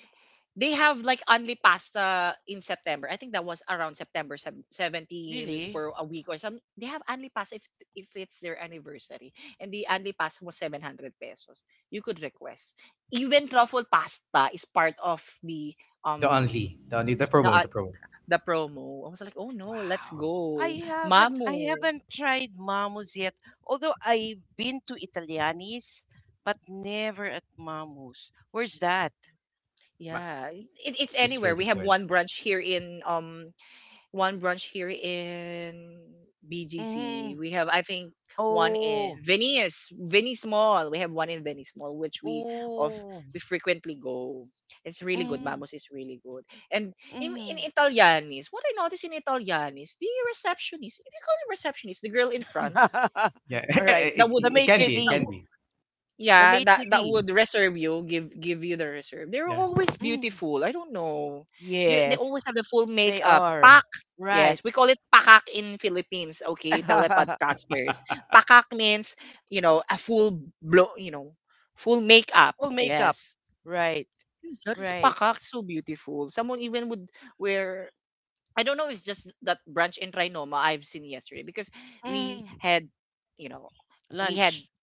Speaker 1: They have like only pasta in September. I think that was around September 17
Speaker 2: Really?
Speaker 1: for a week or some. They have only pasta if it's their anniversary. And the only pasta was 700 pesos. You could request. Even truffle pasta is part of the um
Speaker 3: The
Speaker 1: the
Speaker 3: promo,
Speaker 1: uh,
Speaker 3: the promo.
Speaker 1: the promo. I was like, "Oh no, let's
Speaker 3: Wow.
Speaker 2: I
Speaker 1: go."
Speaker 2: haven't I
Speaker 1: Mamu.
Speaker 2: haven't tried Mamu's yet. Although I've been to Italianis, but never at Mamu's. Where's that?
Speaker 3: Ma-
Speaker 1: Yeah, it's
Speaker 3: Mom's is
Speaker 1: anywhere. We
Speaker 3: really
Speaker 1: have
Speaker 3: good.
Speaker 1: one branch here in One branch here in BGC.
Speaker 2: Mm-hmm.
Speaker 1: We have, I think, one in
Speaker 2: Oh.
Speaker 1: Venice, Venice Mall. We have one in Venice Mall, which of
Speaker 2: Oh.
Speaker 1: we frequently go. It's really good.
Speaker 2: Mm-hmm.
Speaker 1: Mamos is really good. And
Speaker 2: Mm-hmm.
Speaker 1: in Italianis, what I noticed in Italianis, the receptionist, if you call it receptionist, the girl in front
Speaker 3: Yeah,
Speaker 2: All
Speaker 3: it,
Speaker 2: right.
Speaker 1: that
Speaker 3: it,
Speaker 2: The
Speaker 1: would
Speaker 3: it can
Speaker 2: maitre
Speaker 3: be, it
Speaker 1: that
Speaker 3: can
Speaker 2: d'.
Speaker 3: be.
Speaker 2: The
Speaker 1: yeah that
Speaker 2: maitre
Speaker 1: that would
Speaker 2: d'.
Speaker 1: reserve, you give give you the reserve. They're
Speaker 3: Yeah.
Speaker 1: always
Speaker 2: Mm-hmm.
Speaker 1: beautiful, I don't know. They always
Speaker 2: Yes,
Speaker 1: have the full
Speaker 2: they
Speaker 1: makeup
Speaker 2: are.
Speaker 1: pak. Yes,
Speaker 2: Right.
Speaker 1: we call it pakak in Philippines. Okay, telepodcasters, pakak means, you know, a full blow, you know, full makeup.
Speaker 2: Full makeup.
Speaker 1: Yes,
Speaker 2: Right.
Speaker 1: that is
Speaker 2: Right.
Speaker 1: pakak. So beautiful, someone even would wear, I don't know. It's just that branch in Trinoma I've seen yesterday because we
Speaker 2: Mm.
Speaker 1: had you know we had
Speaker 2: Lunch.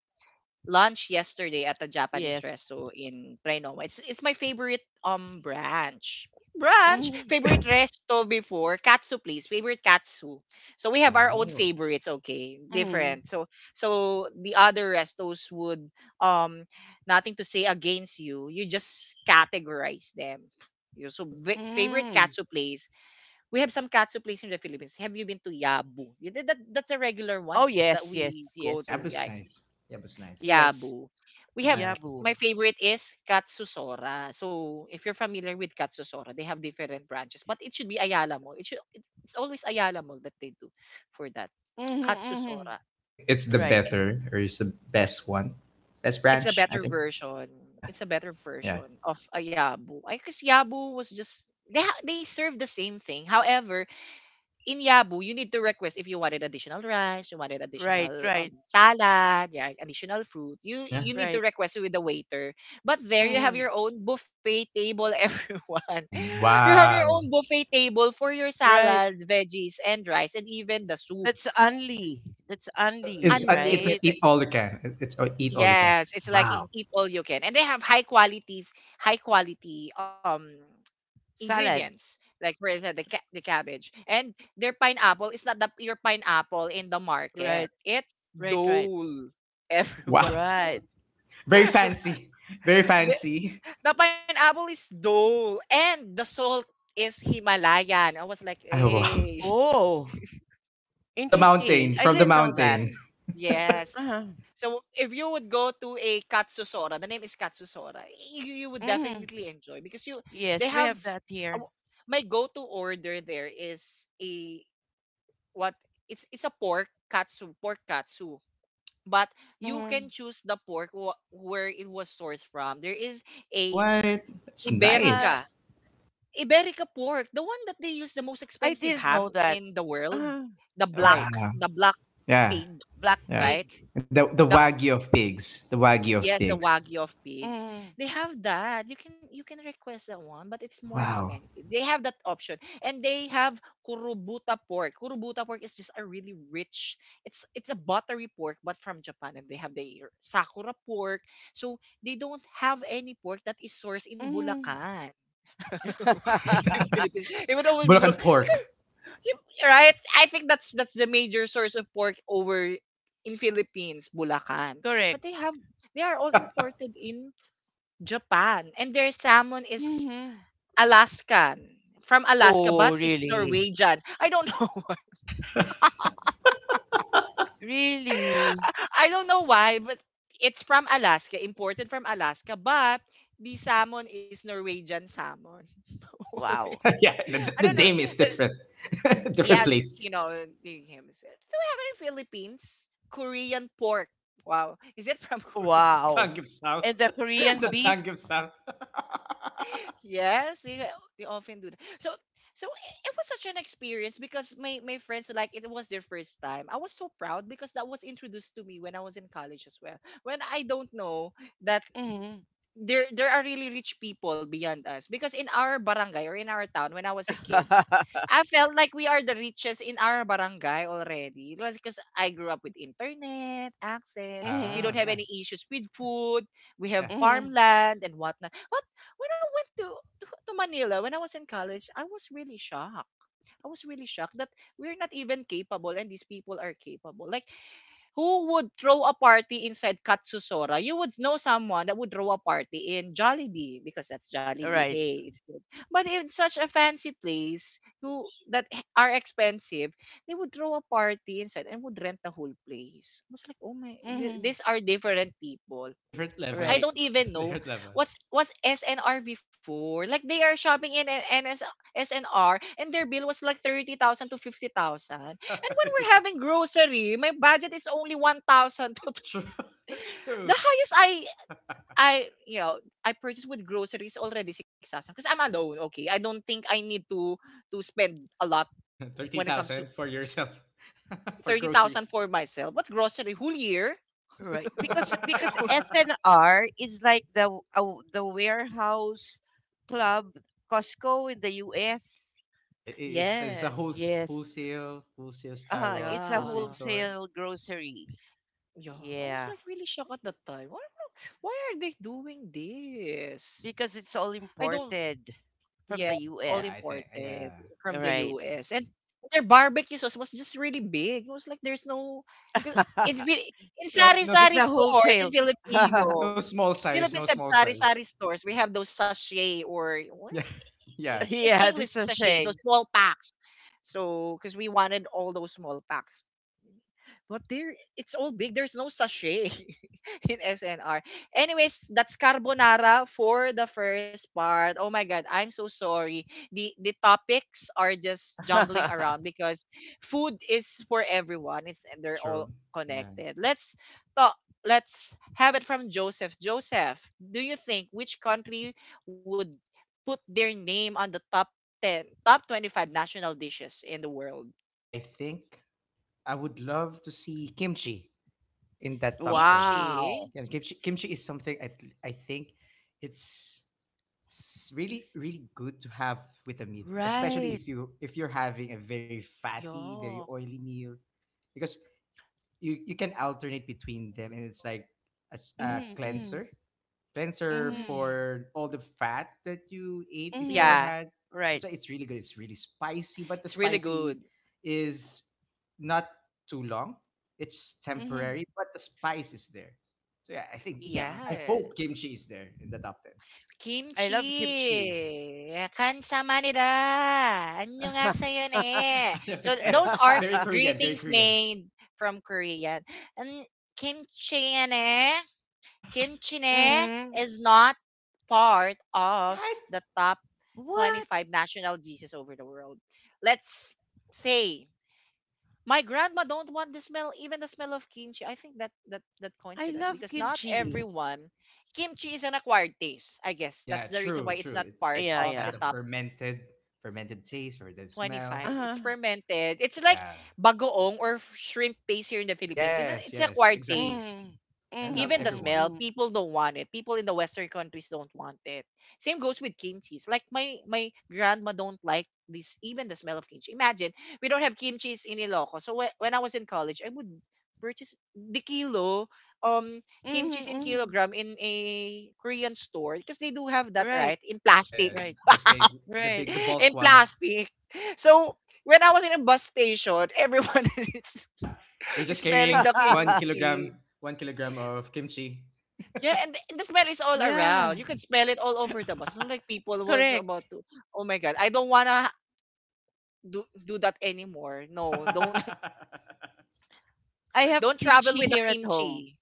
Speaker 1: lunch yesterday at a Japanese
Speaker 2: Yes.
Speaker 1: resto in Trinoma. It's my favorite branch.
Speaker 2: Mm.
Speaker 1: Favorite resto before, katsu place, favorite katsu. So we have our own
Speaker 3: Oh,
Speaker 1: favorites, okay,
Speaker 2: Mm.
Speaker 1: different. So the other restos would um nothing to say against you. You just categorize them.
Speaker 3: true.
Speaker 1: Favorite
Speaker 2: Mm.
Speaker 1: katsu place. We have some katsu place in the Philippines. Have you been to Yabu? Yeah, that's a regular one
Speaker 2: Oh
Speaker 1: that
Speaker 2: yes, yes,
Speaker 1: we go
Speaker 3: Yeah,
Speaker 2: yes.
Speaker 1: to.
Speaker 3: Yabu's
Speaker 1: Yeah,
Speaker 3: nice. Yabu's nice.
Speaker 2: Yes.
Speaker 1: Yabu. We have
Speaker 3: I
Speaker 2: Yabu.
Speaker 1: My favorite is Katsusora. So if you're familiar with Katsusora, they have different branches, but it should be Ayala Mall. It's always Ayala Mall that they do for that
Speaker 2: Mm-hmm, mm-hmm.
Speaker 1: Katsusora.
Speaker 3: think it's the
Speaker 2: Right.
Speaker 3: better or it's the best one. Best
Speaker 1: It's a
Speaker 3: branch, I
Speaker 1: better
Speaker 3: think.
Speaker 1: version.
Speaker 3: Yeah,
Speaker 1: It's a better
Speaker 3: yeah,
Speaker 1: version of a Yabu. I guess Yabu was just they serve the same thing. However, in Yabu, you need to request if you wanted additional rice, you wanted
Speaker 2: Right,
Speaker 1: additional
Speaker 2: right,
Speaker 1: salad, yeah, additional fruit.
Speaker 3: yeah.
Speaker 1: You need to
Speaker 2: right.
Speaker 1: request it with the waiter. But there you have
Speaker 2: Mm.
Speaker 1: your own buffet table, everyone. You have your own
Speaker 3: Wow.
Speaker 1: buffet table for your
Speaker 2: Right.
Speaker 1: salads, veggies, and rice, and even the soup.
Speaker 2: That's only. That's
Speaker 3: So it's
Speaker 2: only,
Speaker 3: uh, it's just
Speaker 2: right?
Speaker 3: eat
Speaker 1: Unlimited.
Speaker 3: all you can. It's eat all you can.
Speaker 1: Yes, it's like
Speaker 3: Wow.
Speaker 1: eat all you can, and they have high quality, high quality.
Speaker 2: Salad.
Speaker 1: Ingredients, like for instance the cabbage. And their pineapple is not the your pineapple in the market,
Speaker 2: Right.
Speaker 1: it's
Speaker 2: Right, right.
Speaker 1: Dole,
Speaker 3: Wow.
Speaker 1: everyone.
Speaker 2: Right.
Speaker 3: Very fancy. Very
Speaker 1: the,
Speaker 3: fancy.
Speaker 1: the pineapple is Dole and the salt is Himalayan. I was like,
Speaker 3: I wow.
Speaker 1: hey,
Speaker 2: Oh,
Speaker 3: From the
Speaker 2: interesting.
Speaker 3: mountain,
Speaker 2: I
Speaker 3: from the
Speaker 2: didn't know that.
Speaker 3: mountain.
Speaker 1: yes.
Speaker 2: Uh-huh.
Speaker 1: So if you would go to a Katsusora, the name is Katsusora, you would
Speaker 2: Mhm.
Speaker 1: definitely enjoy because you they
Speaker 2: Yes, we
Speaker 1: have
Speaker 2: have that
Speaker 1: a-
Speaker 2: here.
Speaker 1: my go-to order there is a what it's a pork katsu, pork katsu, but you can
Speaker 2: Mm.
Speaker 1: choose the pork where it was sourced from. There is a
Speaker 3: What? That's
Speaker 1: iberica,
Speaker 2: Uh,
Speaker 3: nice.
Speaker 1: iberica pork, the one that they use, the most
Speaker 2: I
Speaker 1: expensive
Speaker 2: didn't
Speaker 1: ham
Speaker 2: know that.
Speaker 1: in the world.
Speaker 2: Uh,
Speaker 1: the black
Speaker 2: right.
Speaker 3: Wow.
Speaker 1: the black
Speaker 3: Yeah.
Speaker 1: pig,
Speaker 2: Black
Speaker 3: Yeah.
Speaker 1: right?
Speaker 2: pig.
Speaker 3: The
Speaker 1: the
Speaker 3: wagyu of pigs. The wagyu of
Speaker 1: Yes, the
Speaker 3: pigs.
Speaker 1: Wagyu of pigs.
Speaker 2: Mm.
Speaker 1: They have that. You can request that one, but it's more
Speaker 3: Wow.
Speaker 1: expensive. They have that option. And they have kurubuta pork. Kurubuta pork is just a really rich. It's a buttery pork but from Japan, and they have the sakura pork. So they don't have any pork that is sourced in
Speaker 2: Mm.
Speaker 1: Bulacan. In Philippines, it would always be
Speaker 3: Bulacan
Speaker 1: Bulacan.
Speaker 3: pork.
Speaker 1: Right? I think that's the major source of pork over in Philippines, Bulacan. But
Speaker 2: Correct.
Speaker 1: they have, they are all imported in Japan. And their salmon is
Speaker 2: hmm
Speaker 1: Alaskan. From Alaska,
Speaker 2: Oh,
Speaker 1: but it's
Speaker 2: really?
Speaker 1: Norwegian. I don't know why.
Speaker 2: Really?
Speaker 1: I don't know why, but it's from Alaska, imported from Alaska, but the salmon is Norwegian salmon.
Speaker 2: Wow.
Speaker 3: Yeah,
Speaker 1: I don't
Speaker 3: the
Speaker 1: know.
Speaker 3: name is
Speaker 1: The-
Speaker 3: different. Different
Speaker 1: Yes,
Speaker 3: place.
Speaker 1: you know, the him said, do we have any Philippines? Korean pork. Wow. Is it from Korea?
Speaker 2: Wow.
Speaker 3: Sanggyeopsal.
Speaker 2: And the
Speaker 3: Is
Speaker 2: Korean
Speaker 3: that
Speaker 2: beef?
Speaker 3: Sanggyeopsal?
Speaker 1: Yes, they often do that. So it was such an experience because my friends, like, it was their first time. I was so proud because that was introduced to me when I was in college as well. When I don't know that
Speaker 2: Mm-hmm.
Speaker 1: there are really rich people beyond us, because in our barangay or in our town when I was a kid, I felt like we are the richest in our barangay already. It was because I grew up with internet access. We
Speaker 2: Mm-hmm.
Speaker 1: don't
Speaker 3: Ah,
Speaker 1: have
Speaker 3: yeah,
Speaker 1: any issues with food. We
Speaker 3: yeah.
Speaker 1: have
Speaker 2: Mm-hmm.
Speaker 1: farmland and whatnot. But when I went to Manila when I was in college, I was really shocked. I was really shocked that we're not even capable and these people are capable. Like, who would throw a party inside Katsusora? You would know someone that would throw a party in Jollibee because that's Jollibee.
Speaker 2: Right.
Speaker 1: Hey, it's good. But in such a fancy place who that are expensive, they would throw a party inside and would rent the whole place. I was like, oh my,
Speaker 2: Mm-hmm.
Speaker 1: these are different people.
Speaker 3: Different
Speaker 1: And I
Speaker 2: Right.
Speaker 1: don't
Speaker 3: levels.
Speaker 1: even know
Speaker 3: Different level.
Speaker 1: what's SNR before. Like, they are shopping in an NS, SNR, and their bill was like 30,000 to 50,000. And when we're
Speaker 3: Yeah,
Speaker 1: having grocery, my budget is only 1,000 to
Speaker 3: true, true.
Speaker 1: the highest I you know, I purchase with groceries already 6,000 because I'm alone, okay? I don't think I need to spend a lot when it comes to
Speaker 3: 13,000 for yourself for
Speaker 1: 30,000
Speaker 3: groceries.
Speaker 1: for myself. What grocery whole year?
Speaker 2: Right. Because SNR is like the the warehouse club Costco in the US.
Speaker 3: It's a whole
Speaker 1: Yes.
Speaker 2: Yes.
Speaker 3: wholesale style of
Speaker 2: It's a
Speaker 3: grocery
Speaker 1: Yeah.
Speaker 3: store.
Speaker 2: wholesale grocery.
Speaker 1: Yeah. I was
Speaker 2: Yeah.
Speaker 1: like really shocked at that time. Why are they doing this?
Speaker 2: Because it's all
Speaker 1: I don't,
Speaker 2: imported
Speaker 1: yeah,
Speaker 2: from the
Speaker 1: all
Speaker 3: Yeah,
Speaker 2: US.
Speaker 3: I
Speaker 1: imported
Speaker 3: think yeah.
Speaker 1: from the
Speaker 2: Right.
Speaker 1: US. And their barbecue sauce was just really big. It was like there's no, 'cause in, Fi- in
Speaker 3: No no
Speaker 2: It's a
Speaker 1: sari-sari stores,
Speaker 2: wholesale.
Speaker 1: in Filipino,
Speaker 3: no small size,
Speaker 1: Philippine
Speaker 3: no
Speaker 1: sub
Speaker 3: small size.
Speaker 1: sari-sari stores, we have those sachet or, what?
Speaker 3: Yeah.
Speaker 1: I-
Speaker 3: Yeah.
Speaker 1: it's
Speaker 2: Yeah, the
Speaker 1: English sachet,
Speaker 2: sachet.
Speaker 1: those small packs. So, because we wanted all those small packs. But there, it's all big. There's no sachet in SNR. Anyways, that's carbonara for the first part. Oh my god, I'm so sorry. The topics are just jungling around because food is for everyone. It's they're all
Speaker 3: True. Yeah.
Speaker 1: connected. Let's talk. Let's have it from Joseph. Joseph, do you think which country would put their name on the top 10, top 25 national dishes in the world?
Speaker 3: I think I would love to see kimchi in that top 10.
Speaker 2: Wow.
Speaker 1: Kimchi.
Speaker 3: Yeah, kimchi is something I think it's really really good to have with a meal, especially
Speaker 2: Right.
Speaker 3: if you're having a very fatty, very
Speaker 1: Yeah,
Speaker 3: oily meal, because you can alternate between them, and it's like a
Speaker 2: Mm-hmm.
Speaker 3: cleanser
Speaker 2: Mm-hmm.
Speaker 1: mm,
Speaker 3: for all the fat that you ate
Speaker 1: yeah,
Speaker 2: Mm-hmm.
Speaker 3: beforehand.
Speaker 2: Right.
Speaker 3: That's why it's really good. It's really spicy,
Speaker 1: it's
Speaker 3: but the
Speaker 1: really good.
Speaker 3: spicy is not too long. It's
Speaker 2: Mm-hmm.
Speaker 3: temporary, but the spice is there. So yeah, I think
Speaker 2: Yeah.
Speaker 3: I
Speaker 1: Yeah.
Speaker 3: hope kimchi is there in the top 10.
Speaker 2: I love kimchi.
Speaker 1: Kimchi. Kansamanida. Annyeonghaseyo
Speaker 3: Yes,
Speaker 1: ne.
Speaker 3: know,
Speaker 1: So
Speaker 3: Saya.
Speaker 1: those are
Speaker 3: Very Korean, very
Speaker 1: greetings
Speaker 3: Korean.
Speaker 1: made from Korean. And kimchi ne, kimchi ne
Speaker 2: Mhm.
Speaker 1: is not part of
Speaker 3: What?
Speaker 1: the top
Speaker 2: What?
Speaker 1: 25 national dishes over the world. Let's say my grandma don't want the smell, even the smell of kimchi. I think that that coins
Speaker 2: I
Speaker 1: to that
Speaker 2: love
Speaker 1: because not
Speaker 2: kimchi.
Speaker 1: everyone kimchi is an acquired taste. I guess that's
Speaker 3: Yeah,
Speaker 1: the reason
Speaker 3: true,
Speaker 1: why it's not
Speaker 3: true. it,
Speaker 1: part
Speaker 3: it,
Speaker 2: Yeah,
Speaker 3: it
Speaker 1: of the
Speaker 2: yeah.
Speaker 3: has a
Speaker 1: top
Speaker 3: fermented taste for the smell.
Speaker 1: 25. It's
Speaker 2: Uh-huh.
Speaker 1: fermented. It's like
Speaker 3: Yeah.
Speaker 1: bagoong or shrimp paste here in the Philippines. It's an
Speaker 3: Yes,
Speaker 1: it's
Speaker 3: yes,
Speaker 1: acquired
Speaker 3: exactly.
Speaker 1: taste.
Speaker 2: Mm.
Speaker 3: And
Speaker 2: Mhm,
Speaker 3: not
Speaker 1: Even the
Speaker 2: mhm,
Speaker 3: everyone.
Speaker 1: smell,
Speaker 2: mhm.
Speaker 1: people don't want it. People in the Western countries don't want it. Same goes with kimchi. Like my grandma don't like this, even the smell of kimchi. Imagine we don't have kimchi in Ilocos. So when I was in college, I would purchase the kilo um
Speaker 2: Mhm,
Speaker 1: kimchi in
Speaker 2: mhm.
Speaker 1: kilogram in a Korean store because they do have that right
Speaker 2: Right,
Speaker 1: in
Speaker 3: Yeah, yeah.
Speaker 1: plastic,
Speaker 2: right,
Speaker 3: The big, the
Speaker 2: right.
Speaker 3: big, the
Speaker 1: in
Speaker 3: bulk ones.
Speaker 1: plastic. So when I was in a bus station, everyone is
Speaker 3: You're just
Speaker 1: smelling
Speaker 3: carrying
Speaker 1: the
Speaker 3: one
Speaker 1: kimchi.
Speaker 3: kilogram, 1 kilogram of kimchi.
Speaker 1: Yeah, and the smell is all around.
Speaker 2: Yeah,
Speaker 1: You can smell it all over the bus. Not like people was about
Speaker 2: correct.
Speaker 1: to. Oh my god, I don't wanna do that anymore. No, don't
Speaker 3: the
Speaker 2: I have
Speaker 1: don't travel
Speaker 2: kimchi
Speaker 1: with the
Speaker 2: here at home.
Speaker 1: kimchi.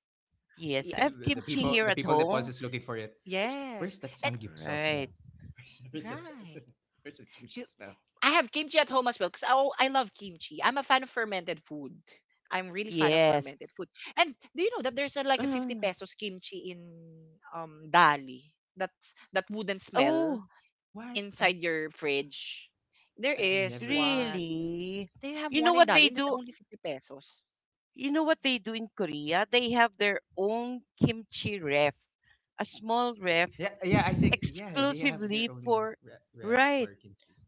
Speaker 1: Y-
Speaker 2: Yes, I have kimchi
Speaker 3: people,
Speaker 2: here
Speaker 3: the
Speaker 2: at
Speaker 3: people
Speaker 2: home.
Speaker 3: deposits is looking for it. Where's,
Speaker 1: yes,
Speaker 3: where's that
Speaker 1: and
Speaker 3: samgyeopsal
Speaker 2: Right.
Speaker 3: smell? Where's that?
Speaker 1: right.
Speaker 3: Where's the
Speaker 1: You,
Speaker 3: kimchi smell?
Speaker 1: I have kimchi at home as well because I love kimchi. I'm a fan of fermented food. I'm really fan of
Speaker 2: Yes.
Speaker 1: fermented food. And do you know that there's a 50
Speaker 2: Uh,
Speaker 1: pesos kimchi in Dali? That's that wouldn't smell
Speaker 2: oh,
Speaker 3: What?
Speaker 1: inside
Speaker 3: I
Speaker 1: your fridge. There
Speaker 3: I
Speaker 1: is
Speaker 3: never
Speaker 1: one.
Speaker 3: noticed that.
Speaker 2: really?
Speaker 1: They have
Speaker 2: You know
Speaker 1: one in
Speaker 2: what
Speaker 1: Dali,
Speaker 2: they
Speaker 1: and that's
Speaker 2: do?
Speaker 1: only 50 pesos.
Speaker 2: You know what they do in Korea? They have their own kimchi ref, a small ref
Speaker 3: Yeah, yeah. I think yeah, they have their
Speaker 2: exclusively
Speaker 3: own
Speaker 2: for,
Speaker 3: ref
Speaker 2: right,
Speaker 3: for kimchi.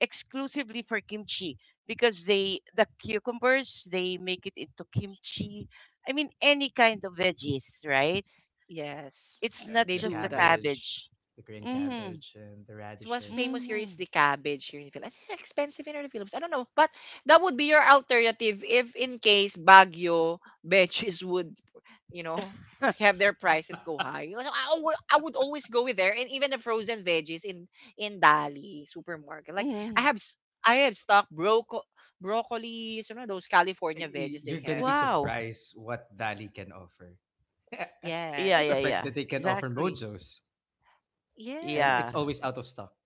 Speaker 2: exclusively for kimchi because they, the cucumbers, they make it into kimchi. I mean, any kind of veggies, right?
Speaker 1: Yes,
Speaker 2: It's
Speaker 3: Yeah,
Speaker 2: not
Speaker 1: they
Speaker 3: the
Speaker 2: just
Speaker 1: do
Speaker 2: the
Speaker 1: that.
Speaker 3: cabbage,
Speaker 2: cabbage.
Speaker 3: the green
Speaker 2: Mm-hmm.
Speaker 3: cabbage, and the
Speaker 1: What's famous
Speaker 3: radishes.
Speaker 1: here is
Speaker 2: Mm-hmm.
Speaker 1: the cabbage here in the Philippines. It's expensive in the Philippines. I don't know, but that would be your alternative if, in case Baguio veggies would, you know, have their prices go high. So I would always go with there, and even the frozen veggies in Dali supermarket. Like I
Speaker 2: hmm
Speaker 1: have, s- I have stock broco broccoli, you know, those California veggies they
Speaker 3: You're gonna be
Speaker 1: have.
Speaker 2: Wow.
Speaker 3: surprised what Dali can offer.
Speaker 2: Yeah,
Speaker 3: I'm
Speaker 1: Yes,
Speaker 2: yeah,
Speaker 3: surprised
Speaker 2: yeah.
Speaker 3: that they can offer
Speaker 2: Exactly.
Speaker 3: mojos, and
Speaker 2: Yeah.
Speaker 3: it's
Speaker 1: yes.
Speaker 3: always out of stock.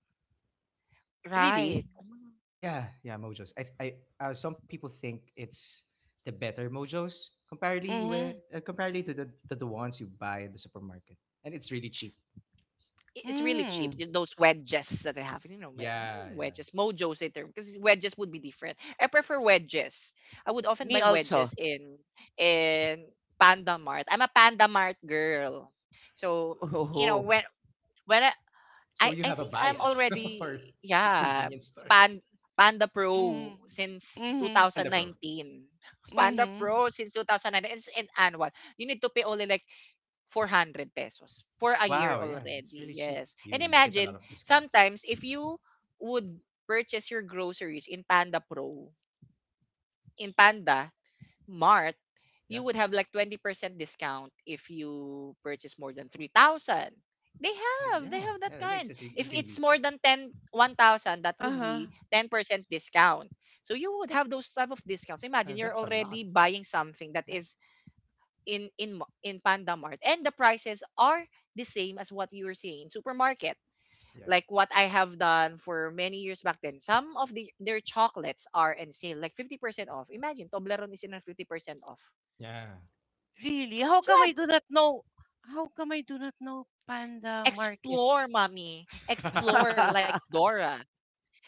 Speaker 2: Really?
Speaker 1: Right. Mm.
Speaker 3: Yeah, yeah, mojos. Some people think it's the better mojos comparatively
Speaker 2: Mm-hmm.
Speaker 3: with comparatively to the ones you buy in the supermarket, and it's really cheap.
Speaker 1: I- It's really cheap.
Speaker 2: Mm.
Speaker 1: Those wedges that I have, you know,
Speaker 3: Yeah, yeah.
Speaker 1: wedges. Mojo's a term because wedges would be different. I prefer wedges. I would often
Speaker 2: Me
Speaker 1: buy
Speaker 2: also.
Speaker 1: wedges in in Panda Mart. I'm a Panda Mart girl, so you know
Speaker 2: Oh.
Speaker 1: when I I,
Speaker 3: So you
Speaker 1: I
Speaker 3: have a
Speaker 1: think I'm
Speaker 3: bias
Speaker 1: already
Speaker 3: for for
Speaker 1: yeah
Speaker 3: convenience stores.
Speaker 1: pan Panda Pro
Speaker 2: Mhm.
Speaker 1: since
Speaker 2: Mhm.
Speaker 3: Panda Pro.
Speaker 1: 2019. Panda
Speaker 2: Mhm.
Speaker 1: Pro since 2019. It's an annual. You need to pay only like 400 pesos for a
Speaker 3: Oh,
Speaker 1: year
Speaker 3: wow, yeah, it's
Speaker 1: already.
Speaker 3: really cheap.
Speaker 1: Yes.
Speaker 3: You
Speaker 1: And
Speaker 3: you get a
Speaker 1: imagine,
Speaker 3: lot of discounts.
Speaker 1: sometimes if you would purchase your groceries in Panda Pro, in Panda Mart, you
Speaker 3: Yeah.
Speaker 1: would have like 20% discount if you purchase more than 3,000.
Speaker 3: Well,
Speaker 1: They
Speaker 3: yeah,
Speaker 1: have that
Speaker 3: yeah, it makes
Speaker 1: kind.
Speaker 3: sense. You,
Speaker 1: If
Speaker 3: you can
Speaker 1: it's
Speaker 3: use.
Speaker 1: more than 10, 1,000, that would
Speaker 2: Uh-huh.
Speaker 1: be 10% discount. So you would have those type of discounts. Imagine you're
Speaker 3: That's a
Speaker 1: already
Speaker 3: lot.
Speaker 1: buying something that
Speaker 3: Yeah,
Speaker 1: is in Panda Mart, and the prices are the same as what you're seeing in
Speaker 3: yeah,
Speaker 1: supermarket.
Speaker 3: yeah,
Speaker 1: Like what I have done for many years back then, some of their chocolates are in sale like 50% off. Imagine Toblerone is in a 50% off.
Speaker 3: yeah.
Speaker 2: Really?
Speaker 1: So I
Speaker 2: How come I do not know Panda Market?
Speaker 1: explore, mommy, explore like Dora.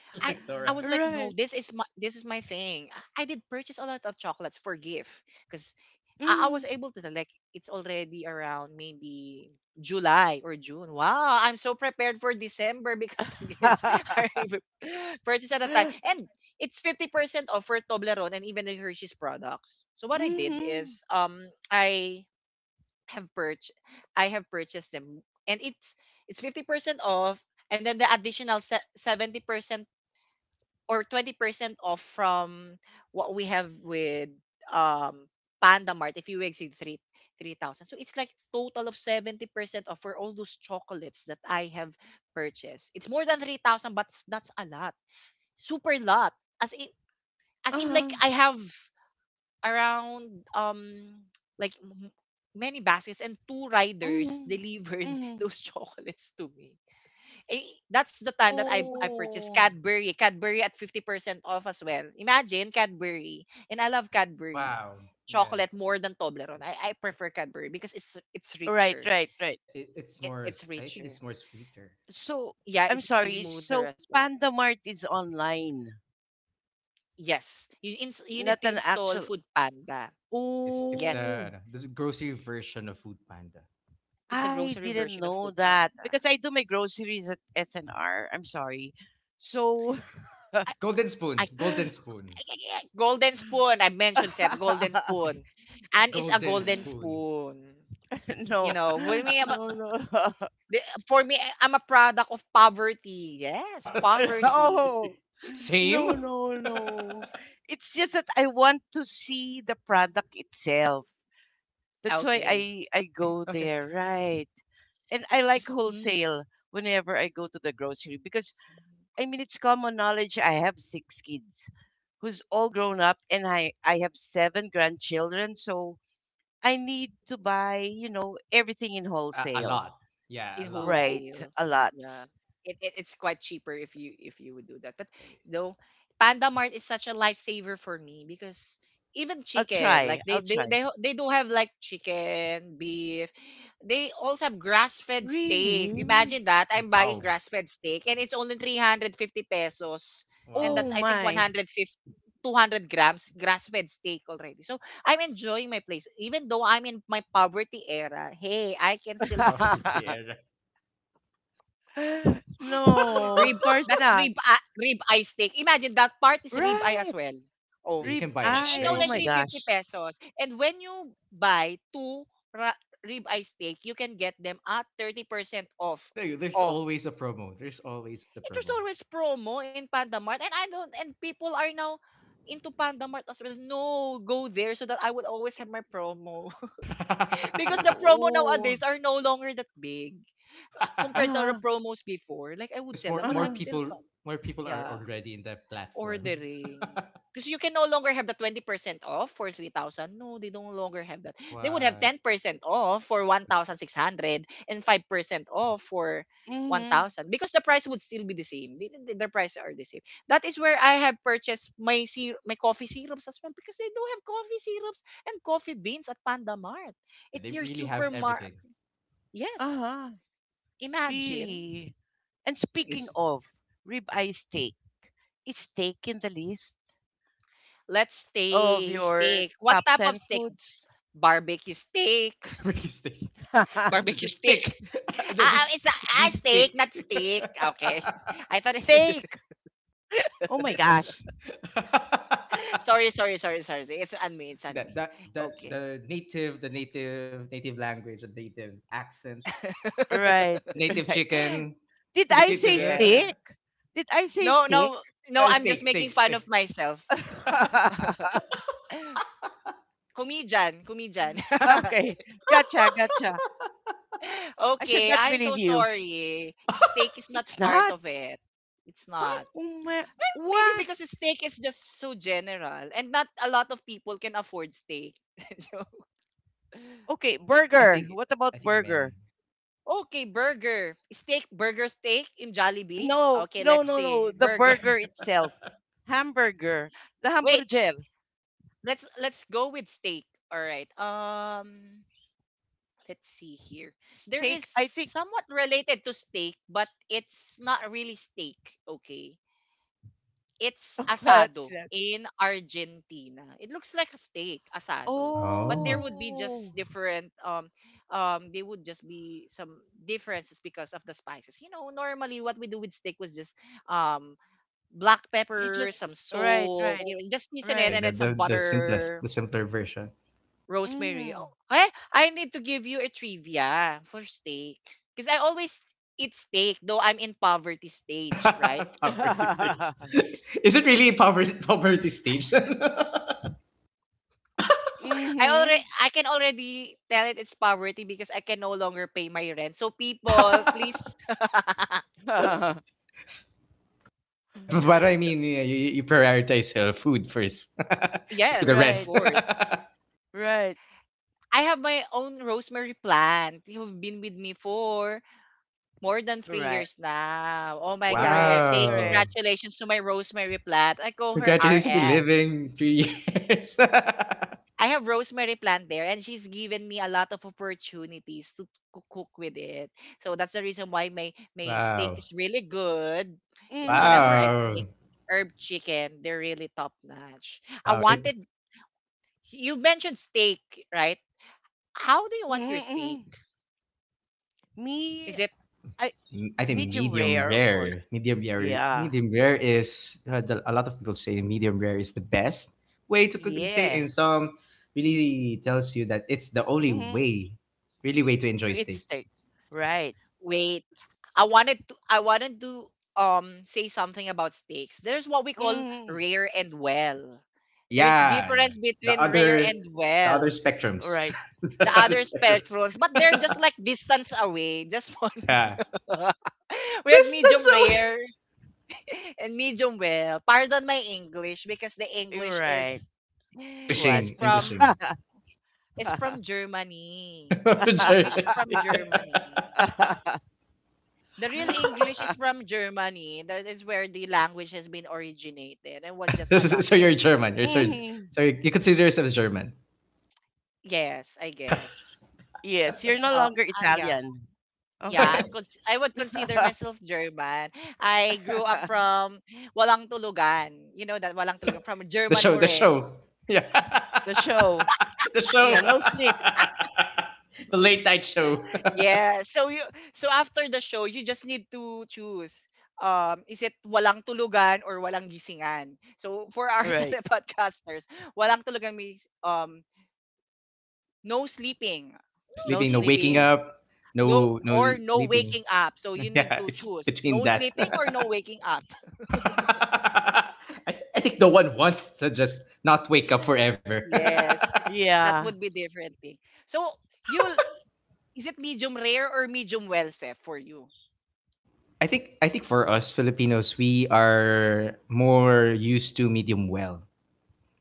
Speaker 1: I
Speaker 3: Like
Speaker 1: I was
Speaker 3: Dora.
Speaker 1: like, no,
Speaker 2: Right.
Speaker 1: this is my thing. I did purchase a lot of chocolates for gift because I was
Speaker 2: Mhm.
Speaker 1: able to, like, it's already around maybe July or June. Wow, I'm so prepared for December because the gifts are even purchased at a time.
Speaker 2: Mhm.
Speaker 1: And it's 50% off for Toblerone and even the Hershey's products. So what I did is have purch I have purchased them, and it's 50% off, and then the additional 70% or 20% off from what we have with um Panda Mart if you exceed three thousand. So it's like total of 70% off for all those chocolates that I have purchased. It's more than 3,000, but that's a lot. Super lot. As in, as in
Speaker 2: Uh-huh.
Speaker 1: like I have around like many baskets, and two riders
Speaker 2: Mhm.
Speaker 1: delivered
Speaker 2: Mhm.
Speaker 1: those chocolates to me. Eh, that's the time that I purchased
Speaker 2: Oh.
Speaker 1: Cadbury. Cadbury at 50% off as well. Imagine Cadbury. And I love Cadbury
Speaker 3: Wow. Yeah.
Speaker 1: chocolate more than Toblerone. I prefer Cadbury because it's
Speaker 2: Right,
Speaker 1: richer.
Speaker 2: right, right.
Speaker 3: It's
Speaker 1: It,
Speaker 3: more.
Speaker 1: it's
Speaker 3: I think
Speaker 1: richer.
Speaker 3: it's more sweeter.
Speaker 2: So,
Speaker 1: Yeah,
Speaker 2: I'm
Speaker 1: it's
Speaker 2: sorry.
Speaker 1: smoother as
Speaker 2: So
Speaker 1: well.
Speaker 2: Panda Mart is online,
Speaker 1: Yes. You need
Speaker 2: not
Speaker 1: to
Speaker 2: an
Speaker 1: install
Speaker 2: actual.
Speaker 1: Food Panda.
Speaker 3: It's
Speaker 1: Yes.
Speaker 3: the
Speaker 2: Oh.
Speaker 3: ano, this grocery version of Food Panda.
Speaker 1: It's a
Speaker 2: I
Speaker 1: grocery
Speaker 2: didn't
Speaker 1: version of
Speaker 2: know
Speaker 1: Food
Speaker 2: that
Speaker 1: Panda.
Speaker 2: because I do my groceries at SNR. I'm sorry. So
Speaker 1: I,
Speaker 3: Golden
Speaker 1: I,
Speaker 3: spoon. Golden spoon.
Speaker 1: golden spoon. I mentioned Seth, golden spoon. Anne is a
Speaker 3: Golden
Speaker 1: golden
Speaker 3: spoon.
Speaker 1: spoon. You
Speaker 2: no,
Speaker 1: know, when we
Speaker 2: no, no,
Speaker 1: the for me, I I'm a product of poverty. Yes,
Speaker 3: Product
Speaker 1: poverty.
Speaker 2: no,
Speaker 3: quality. Same.
Speaker 2: no, no, no. It's just that I want to see the product itself. That's why
Speaker 1: Okay.
Speaker 2: I
Speaker 3: Okay.
Speaker 2: go
Speaker 3: Okay.
Speaker 2: there, right? And I like
Speaker 1: 'Cause, mm.
Speaker 2: wholesale whenever I go to the grocery because I mean, it's common knowledge. I have six kids who's all grown up, and I have seven grandchildren. So I need to buy, everything in
Speaker 3: A
Speaker 2: wholesale.
Speaker 3: lot. Yeah, a
Speaker 1: In
Speaker 3: lot.
Speaker 2: Right.
Speaker 1: wholesale.
Speaker 2: A lot.
Speaker 1: Yeah. It's quite cheaper if you would do that. But no, Panda Mart is such a lifesaver for me because even
Speaker 2: I'll
Speaker 1: chicken,
Speaker 2: try.
Speaker 1: like
Speaker 2: I'll try.
Speaker 1: they do have like chicken, beef. They also have grass fed steak.
Speaker 2: Really?
Speaker 1: Imagine that. I'm buying
Speaker 3: Wow.
Speaker 1: grass fed steak, and it's only 350 pesos. And that's,
Speaker 2: Oh,
Speaker 3: Wow.
Speaker 1: I think, one
Speaker 2: my.
Speaker 1: hundred fifty 200 grams grass fed steak already. So I'm enjoying my place. Even though I'm in my poverty era, hey, I can still have
Speaker 3: Poverty era.
Speaker 2: No,
Speaker 1: rib,
Speaker 2: of course
Speaker 1: that's
Speaker 2: not.
Speaker 1: rib, ah, rib eye steak. Imagine that part is rib eye
Speaker 2: Right.
Speaker 1: as well. Oh,
Speaker 3: Yeah, you
Speaker 2: Rib
Speaker 3: can buy
Speaker 1: and
Speaker 3: it
Speaker 2: eye.
Speaker 1: it's
Speaker 2: Oh,
Speaker 3: very
Speaker 1: only
Speaker 2: my
Speaker 3: cheap.
Speaker 1: 350
Speaker 2: gosh.
Speaker 1: pesos. And when you buy two ra- rib eye steak, you can get them at 30% off.
Speaker 3: I think there's
Speaker 1: Oh,
Speaker 3: always a promo. There's always a
Speaker 1: it
Speaker 3: promo.
Speaker 1: was always promo in Panda Mart. And I don't, and people are now into Panda Mart as well. No, go there so that I would always have my promo. Because the promo
Speaker 2: Oh.
Speaker 1: nowadays are no longer that big
Speaker 2: Uh
Speaker 1: compared to the
Speaker 2: huh.
Speaker 1: promos before. Like I would
Speaker 3: there's
Speaker 1: sell
Speaker 3: more
Speaker 1: them,
Speaker 2: Uh
Speaker 1: but I'm
Speaker 2: huh.
Speaker 1: still fun.
Speaker 3: more people are
Speaker 1: Yeah,
Speaker 3: already in that platform.
Speaker 1: ordering. Because you can no longer have the 20% off for 3,000. No, they no longer have that. They would have
Speaker 3: What?
Speaker 1: 10% off for one
Speaker 3: It's,
Speaker 1: thousand six hundred and five percent off for
Speaker 2: Mm hmm.
Speaker 1: 1,000 because the price would still be the same. Their prices are the same. That is where I have purchased my syrup, my coffee syrups as well because they do have coffee syrups and coffee beans at Panda Mart.
Speaker 3: yeah,
Speaker 1: It's
Speaker 3: they
Speaker 1: your
Speaker 3: really have
Speaker 1: supermarket.
Speaker 3: everything.
Speaker 2: Uh
Speaker 1: Yes.
Speaker 2: huh.
Speaker 1: Imagine.
Speaker 2: Really. And
Speaker 3: I think
Speaker 2: speaking
Speaker 3: it's
Speaker 2: of ribeye steak, is steak in the list
Speaker 1: Let's
Speaker 2: of
Speaker 1: stay
Speaker 2: your
Speaker 1: steak. What
Speaker 2: top
Speaker 1: type of
Speaker 2: 10
Speaker 1: steak?
Speaker 2: foods?
Speaker 1: Barbecue steak.
Speaker 3: barbecue stick. That's a
Speaker 1: Barbecue stick.
Speaker 3: stick.
Speaker 1: Ah, ah,
Speaker 3: this
Speaker 1: it's a, ah,
Speaker 3: this
Speaker 1: steak,
Speaker 3: stick.
Speaker 1: not stick. Okay. I thought it's
Speaker 2: Steak. Oh my gosh.
Speaker 1: sorry, sorry, sorry, sorry. It's on me. It's on
Speaker 3: that
Speaker 1: me.
Speaker 3: that that
Speaker 1: Okay.
Speaker 3: the native language, the native accent,
Speaker 2: Right,
Speaker 3: the native
Speaker 2: right.
Speaker 3: chicken.
Speaker 2: Did
Speaker 3: The
Speaker 2: I say
Speaker 3: native.
Speaker 1: Yeah.
Speaker 2: steak? Did I say
Speaker 1: No,
Speaker 2: steak?
Speaker 1: no,
Speaker 3: No,
Speaker 1: no,
Speaker 3: no,
Speaker 1: I'm just
Speaker 3: steak steak
Speaker 1: making fun of
Speaker 3: steak.
Speaker 1: myself. Comedian, comedian.
Speaker 2: Okay, gotcha, gotcha. I should
Speaker 1: Okay,
Speaker 2: not
Speaker 1: I'm so
Speaker 2: believe you.
Speaker 1: sorry. Steak is not
Speaker 2: It's
Speaker 1: part
Speaker 2: not.
Speaker 1: of it. It's
Speaker 3: What?
Speaker 1: not.
Speaker 2: Oh my,
Speaker 1: Maybe
Speaker 2: what?
Speaker 1: because steak is just so general, and not a lot of people can afford steak.
Speaker 2: Okay,
Speaker 3: I, I
Speaker 2: burger.
Speaker 3: think
Speaker 2: What
Speaker 3: I
Speaker 2: about
Speaker 3: think
Speaker 2: burger?
Speaker 3: many.
Speaker 1: Okay, burger. Steak, burger, steak in Jollibee.
Speaker 2: No,
Speaker 1: Okay,
Speaker 2: no,
Speaker 1: let's
Speaker 2: no, no.
Speaker 1: see.
Speaker 2: The
Speaker 1: Burger.
Speaker 2: burger itself. Hamburger. The
Speaker 1: Wait,
Speaker 2: hamburger.
Speaker 1: let's go with steak. All right. Let's see here. There is
Speaker 2: Steak. I think
Speaker 1: somewhat related to steak, but it's not really steak. Okay. It's
Speaker 2: what's
Speaker 1: asado
Speaker 2: that?
Speaker 1: in Argentina. It looks like a steak, asado. But there
Speaker 3: Oh
Speaker 1: would be
Speaker 2: Oh,
Speaker 1: just different there would just be some differences because of the spices. You know, normally what we do with steak was just um black
Speaker 2: you
Speaker 1: pepper,
Speaker 2: just
Speaker 1: some
Speaker 2: right,
Speaker 1: salt,
Speaker 2: right,
Speaker 1: you know, just season it
Speaker 3: yeah,
Speaker 2: right.
Speaker 1: and
Speaker 3: the,
Speaker 1: then some
Speaker 3: the the simplest
Speaker 1: butter,
Speaker 3: the simpler version.
Speaker 1: rosemary.
Speaker 2: Mm.
Speaker 1: Oh, I need to give you a trivia for steak. Because I always eat steak, though I'm in poverty stage, right?
Speaker 3: Poverty stage. Is it really poverty poverty stage?
Speaker 1: I
Speaker 2: Mm-hmm.
Speaker 1: already I can already tell it's poverty because I can no longer pay my rent. So people,
Speaker 3: Uh,
Speaker 1: please
Speaker 3: but I
Speaker 1: so,
Speaker 3: mean yeah, you prioritize food first. Before
Speaker 1: yes,
Speaker 2: Right,
Speaker 3: the
Speaker 1: of
Speaker 3: rent.
Speaker 2: right,
Speaker 1: course. I have my own rosemary plant. You've been with me for more than 3
Speaker 2: right.
Speaker 1: years now. Oh my God.
Speaker 2: Correct,
Speaker 1: Say
Speaker 3: Wow.
Speaker 2: correct.
Speaker 1: congratulations to my rosemary plant. I call her
Speaker 3: Congratulations for
Speaker 1: RS.
Speaker 3: living 3 years.
Speaker 1: I have rosemary plant there, and she's given me a lot of opportunities to cook with it. So that's the reason why my, my steak
Speaker 3: Wow.
Speaker 1: is really good. You know, whenever
Speaker 2: Mm-hmm.
Speaker 1: I
Speaker 3: Wow.
Speaker 1: make herb chicken, they're really top notch. I
Speaker 3: Wow.
Speaker 1: wanted, you mentioned steak, right? How do you want your
Speaker 2: Mm-hmm.
Speaker 1: steak?
Speaker 2: Mm-hmm. Me,
Speaker 1: Is it
Speaker 2: I
Speaker 3: I think
Speaker 2: medium
Speaker 3: medium
Speaker 2: rare, of course.
Speaker 3: rare. Medium rare.
Speaker 2: Yeah,
Speaker 3: Medium rare is a lot of people say medium rare is the best way to cook and steak,
Speaker 2: yeah.
Speaker 3: and some really tells you that it's the only
Speaker 2: Mm-hmm.
Speaker 3: way,
Speaker 2: So
Speaker 3: really way to enjoy
Speaker 2: it's
Speaker 3: steak.
Speaker 2: steak. Right.
Speaker 1: wait. I wanted to say something about steaks. There's what we call
Speaker 2: Mhm.
Speaker 1: rare and well.
Speaker 3: But
Speaker 1: There's
Speaker 3: yeah, yeah.
Speaker 1: difference
Speaker 3: the
Speaker 1: between rare
Speaker 3: other,
Speaker 1: and
Speaker 3: the other
Speaker 1: well.
Speaker 3: spectrums,
Speaker 2: Right.
Speaker 3: the
Speaker 1: The
Speaker 3: other
Speaker 1: other
Speaker 3: spectrum.
Speaker 1: spectrums, but they're just like distance away. Just one.
Speaker 3: Yeah.
Speaker 1: We have
Speaker 3: This
Speaker 1: medium
Speaker 3: that's so
Speaker 1: rare and medium well. Pardon my English because the English
Speaker 2: Right. What?
Speaker 1: is
Speaker 3: Englishing,
Speaker 1: from
Speaker 3: Englishing.
Speaker 1: is from Germany.
Speaker 3: Germany.
Speaker 1: English is from Germany. The real English is from Germany. That is where the language has been originated and was just
Speaker 3: So
Speaker 1: adopted.
Speaker 3: you're German. You're so,
Speaker 2: Mhm.
Speaker 3: so you consider yourself as German.
Speaker 1: Yes, I guess.
Speaker 2: Yes, you're no
Speaker 1: Oh,
Speaker 2: longer
Speaker 1: yeah.
Speaker 2: Italian.
Speaker 1: Yeah,
Speaker 2: Okay.
Speaker 1: I would consider myself German. I grew up from Walang Tulugan. You know that Walang Tulugan from
Speaker 3: The
Speaker 1: German
Speaker 3: show, the show.
Speaker 1: Moreno.
Speaker 3: Yeah.
Speaker 2: The show.
Speaker 3: The show.
Speaker 2: Yeah, no sleep.
Speaker 3: The late night show.
Speaker 1: Yeah. So you, so after the show, you just need to choose is it Walang Tulugan or Walang Gisingan. So for our
Speaker 2: Right.
Speaker 1: telepodcasters, Walang Tulugan means no sleeping.
Speaker 3: No
Speaker 1: No
Speaker 2: No
Speaker 3: sleeping, no waking
Speaker 1: sleeping.
Speaker 2: sleeping.
Speaker 3: up,
Speaker 1: No
Speaker 3: no
Speaker 1: or no
Speaker 3: sleeping.
Speaker 1: waking up. So you need
Speaker 3: Yeah,
Speaker 1: to
Speaker 3: it's
Speaker 1: choose
Speaker 3: between
Speaker 1: no
Speaker 3: that. I,
Speaker 1: sleeping or no waking up.
Speaker 3: th- I think no one wants to just not wake up forever.
Speaker 1: Yes, that
Speaker 2: Yeah.
Speaker 1: would be different thing. So you'll is it medium rare or medium well, Seth, for you?
Speaker 3: I think for us Filipinos, we are more used to medium well.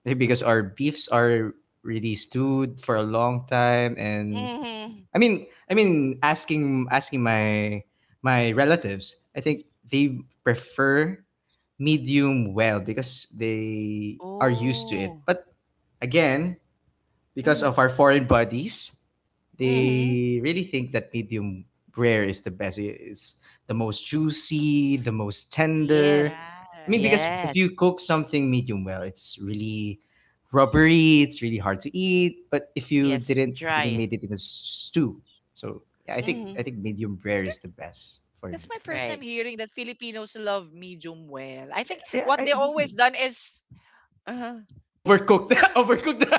Speaker 3: Eh, because our beefs are really stewed for a long time, and
Speaker 2: Mm-hmm.
Speaker 3: i mean I mean asking my relatives, I think they prefer medium well because they are used to it,
Speaker 2: Oh.
Speaker 3: but again, because
Speaker 2: Mm-hmm.
Speaker 3: of our foreign bodies,
Speaker 2: Mm-hmm.
Speaker 3: they really think that medium rare is the best. It's the most juicy, the most tender.
Speaker 2: Yes.
Speaker 3: I mean,
Speaker 1: Yes.
Speaker 3: because if you
Speaker 2: Yes.
Speaker 3: cook something medium well, it's really rubbery. It's really hard to eat. But if you
Speaker 2: Yes.
Speaker 3: didn't really
Speaker 2: Try.
Speaker 3: made it in a stew, so yeah, I think I
Speaker 2: Mm-hmm.
Speaker 3: think medium rare is the best for me.
Speaker 1: That's my first
Speaker 2: Right.
Speaker 1: time hearing that Filipinos love medium well. I think
Speaker 3: Yeah,
Speaker 1: what they always done is
Speaker 2: Uh-huh.
Speaker 3: overcook the overcook the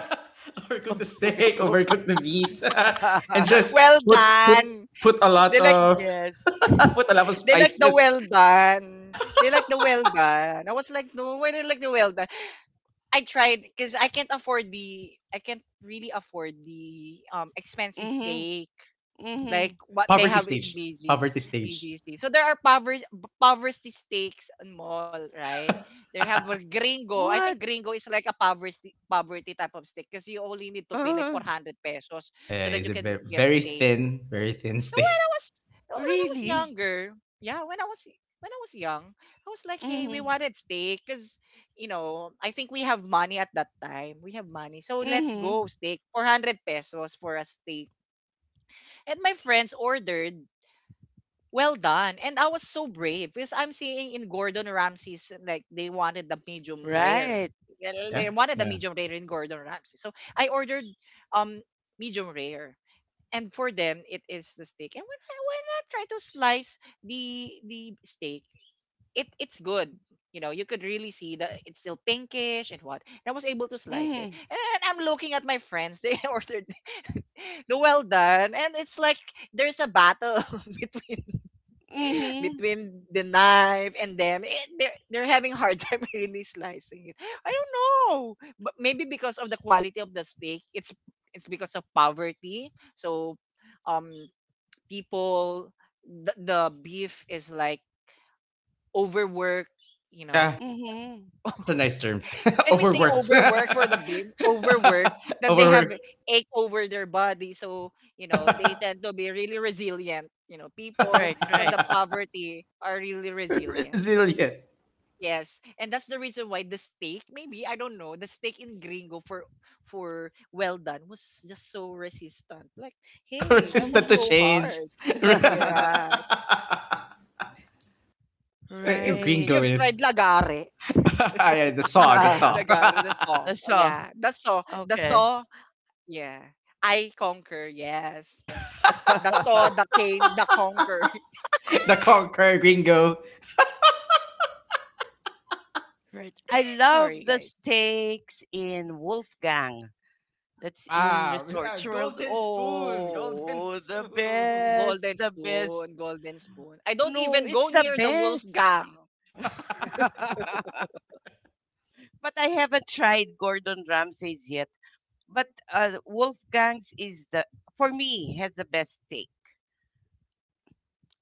Speaker 3: overcook the steak,
Speaker 2: Overcook.
Speaker 3: overcook the meat, and just
Speaker 1: well
Speaker 3: put put
Speaker 1: done.
Speaker 3: put a lot
Speaker 1: They like
Speaker 3: of
Speaker 2: Yes.
Speaker 3: put a lot of
Speaker 1: they like the
Speaker 3: spices.
Speaker 1: well done. They like the well done. I was like, no, why they like the well done? I tried because I can't really afford the expensive
Speaker 2: Mhm.
Speaker 1: steak like
Speaker 2: Mhm.
Speaker 1: what they
Speaker 3: Poverty
Speaker 1: have in
Speaker 3: stage,
Speaker 1: BG's
Speaker 3: poverty stage.
Speaker 1: BGC. So there are poverty steaks and mall, right? They have a gringo. I think
Speaker 2: What?
Speaker 1: gringo is like a poverty type of steak because you only need to pay like
Speaker 2: Uh,
Speaker 1: 400 pesos
Speaker 3: Yeah,
Speaker 1: so that
Speaker 3: it's
Speaker 1: you
Speaker 3: a
Speaker 1: can
Speaker 3: very
Speaker 1: get steak.
Speaker 3: very thin
Speaker 1: So
Speaker 3: steak.
Speaker 1: when I was
Speaker 2: really?
Speaker 1: younger, yeah, when I was young, I was like, hey, we
Speaker 2: Mhm.
Speaker 1: wanted steak because I think we have money at that time. We have money, so let's go
Speaker 2: Mhm.
Speaker 1: steak. 400 pesos for a steak, and my friends ordered. Well done. And I was so brave because I'm seeing in Gordon Ramsay's like they wanted the medium rare.
Speaker 2: Right.
Speaker 1: They
Speaker 3: Yeah,
Speaker 1: they wanted the
Speaker 3: yeah,
Speaker 1: medium rare in Gordon Ramsay. So I ordered um medium rare, and for them it is the steak. And when why not try to slice the steak? It's good, you know. You could really see that it's still pinkish. And I was able to slice it.
Speaker 2: Mhm.
Speaker 1: And I'm looking at my friends. They ordered the well done, and it's like there's a battle between
Speaker 2: Mhm.
Speaker 1: between the knife and them. Eh, they're having hard time really slicing it. I don't know, but maybe because of the quality of the steak, it's because of poverty. So um people, the beef is like overworked, you
Speaker 3: yeah.
Speaker 1: know.
Speaker 2: Mhm.
Speaker 3: That's a nice term.
Speaker 1: Can we say
Speaker 3: Overworked.
Speaker 1: overwork for the beef? Overwork that they have
Speaker 3: Overworked.
Speaker 1: ache over their body. So, they tend to be really resilient. People
Speaker 2: Right,
Speaker 1: from
Speaker 2: right.
Speaker 1: the poverty are really resilient.
Speaker 3: Resilient.
Speaker 1: Yes, and that's the reason why the steak, maybe I don't know, the steak in gringo for well done was just so resistant, like, hey, that
Speaker 3: Resistant
Speaker 1: was
Speaker 3: to
Speaker 2: Mhm.
Speaker 1: so
Speaker 3: change.
Speaker 1: hard. Yeah. You've
Speaker 2: Right.
Speaker 3: Gringo
Speaker 1: you've
Speaker 3: is.
Speaker 1: tried lagare.
Speaker 3: Yeah, the saw, the saw.
Speaker 1: Lagare, the saw.
Speaker 2: So,
Speaker 1: Yeah, the saw, the
Speaker 2: okay.
Speaker 1: saw. Yeah, I conquer. Yes, the saw, the cane, the conquer.
Speaker 3: The Conquer Gringo.
Speaker 2: Right. I
Speaker 1: Sorry,
Speaker 2: love the
Speaker 1: guys.
Speaker 2: steaks in Wolfgang. That's in
Speaker 3: Wow.
Speaker 2: Resorts World.
Speaker 3: Golden spoon. Golden
Speaker 2: Oh, the
Speaker 3: spoon.
Speaker 2: best,
Speaker 1: Golden
Speaker 2: the best.
Speaker 1: spoon, golden spoon. I don't
Speaker 2: No,
Speaker 1: even go
Speaker 2: it's the
Speaker 1: near the wolf
Speaker 2: best.
Speaker 1: gang.
Speaker 3: Wow.
Speaker 2: But I haven't tried Gordon Ramsay's yet. But Wolfgang's is the for me has the best steak.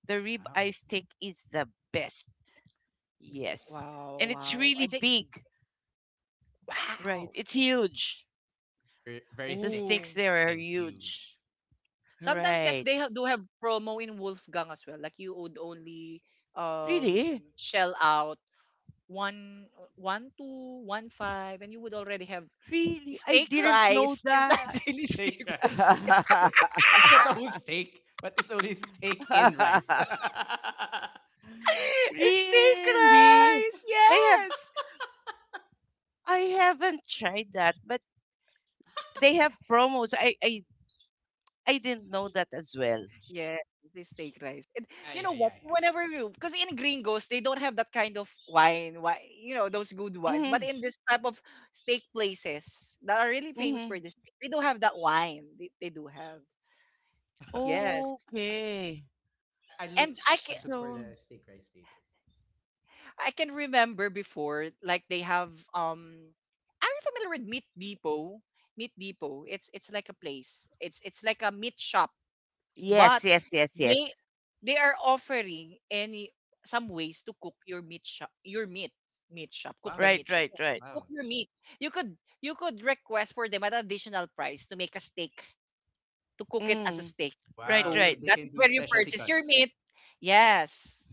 Speaker 2: The ribeye steak is the best. Yes,
Speaker 1: Wow,
Speaker 2: and it's
Speaker 1: wow.
Speaker 2: really
Speaker 1: I think
Speaker 2: big. Right,
Speaker 1: wow.
Speaker 2: it's huge.
Speaker 3: It's very, very
Speaker 2: The steaks
Speaker 1: Ooh.
Speaker 3: thick
Speaker 2: there are
Speaker 3: and
Speaker 2: huge.
Speaker 3: huge.
Speaker 1: Sometimes if
Speaker 2: Right,
Speaker 1: they have, do have promo in Wolfgang as well, like you would only
Speaker 2: really,
Speaker 1: shell out one one two one five, and you would already have
Speaker 2: really. I
Speaker 1: steak
Speaker 2: didn't know
Speaker 1: rice. It's
Speaker 2: that.
Speaker 1: not really
Speaker 3: Steak,
Speaker 1: steak but
Speaker 3: right? It's not the whole steak, but it's only steak in rice.
Speaker 1: steak
Speaker 2: Really,
Speaker 1: rice.
Speaker 2: they have.
Speaker 1: Yes,
Speaker 2: I haven't tried that, but they have promos. I didn't know that as well.
Speaker 1: yes, it's steak rice. And
Speaker 3: Ah,
Speaker 1: you know
Speaker 3: yeah,
Speaker 1: what,
Speaker 3: yeah, yeah.
Speaker 1: whenever you, because in gringos they don't have that kind of wine, why, you know, those good wines, but
Speaker 2: Mm-hmm.
Speaker 1: in this type of steak places that are really famous
Speaker 2: Mm-hmm.
Speaker 1: for this, they do have that wine. They do have. Yes.
Speaker 2: Okay.
Speaker 3: I, I look
Speaker 1: And
Speaker 3: I look for
Speaker 2: So
Speaker 3: the steak rice later.
Speaker 1: I can remember before, like they have are you familiar with Meat Depot? Meat Depot. It's like a place. It's like a meat shop.
Speaker 2: yes,
Speaker 1: But
Speaker 2: yes, yes,
Speaker 1: they
Speaker 2: yes.
Speaker 1: they are offering any some ways to cook your meat shop your meat meat shop. Cook the
Speaker 3: Wow.
Speaker 2: Right,
Speaker 1: meat shop.
Speaker 2: right, right.
Speaker 1: Cook
Speaker 3: Wow.
Speaker 1: your meat. You could request for them at an additional price to make a steak, to cook it as a
Speaker 2: Mm.
Speaker 1: steak.
Speaker 2: Right,
Speaker 3: Wow.
Speaker 1: So
Speaker 3: So
Speaker 2: right.
Speaker 3: they
Speaker 1: that
Speaker 3: can
Speaker 1: is
Speaker 3: do
Speaker 1: where you
Speaker 3: specialty
Speaker 1: purchase your
Speaker 3: cuts.
Speaker 1: meat. Yes.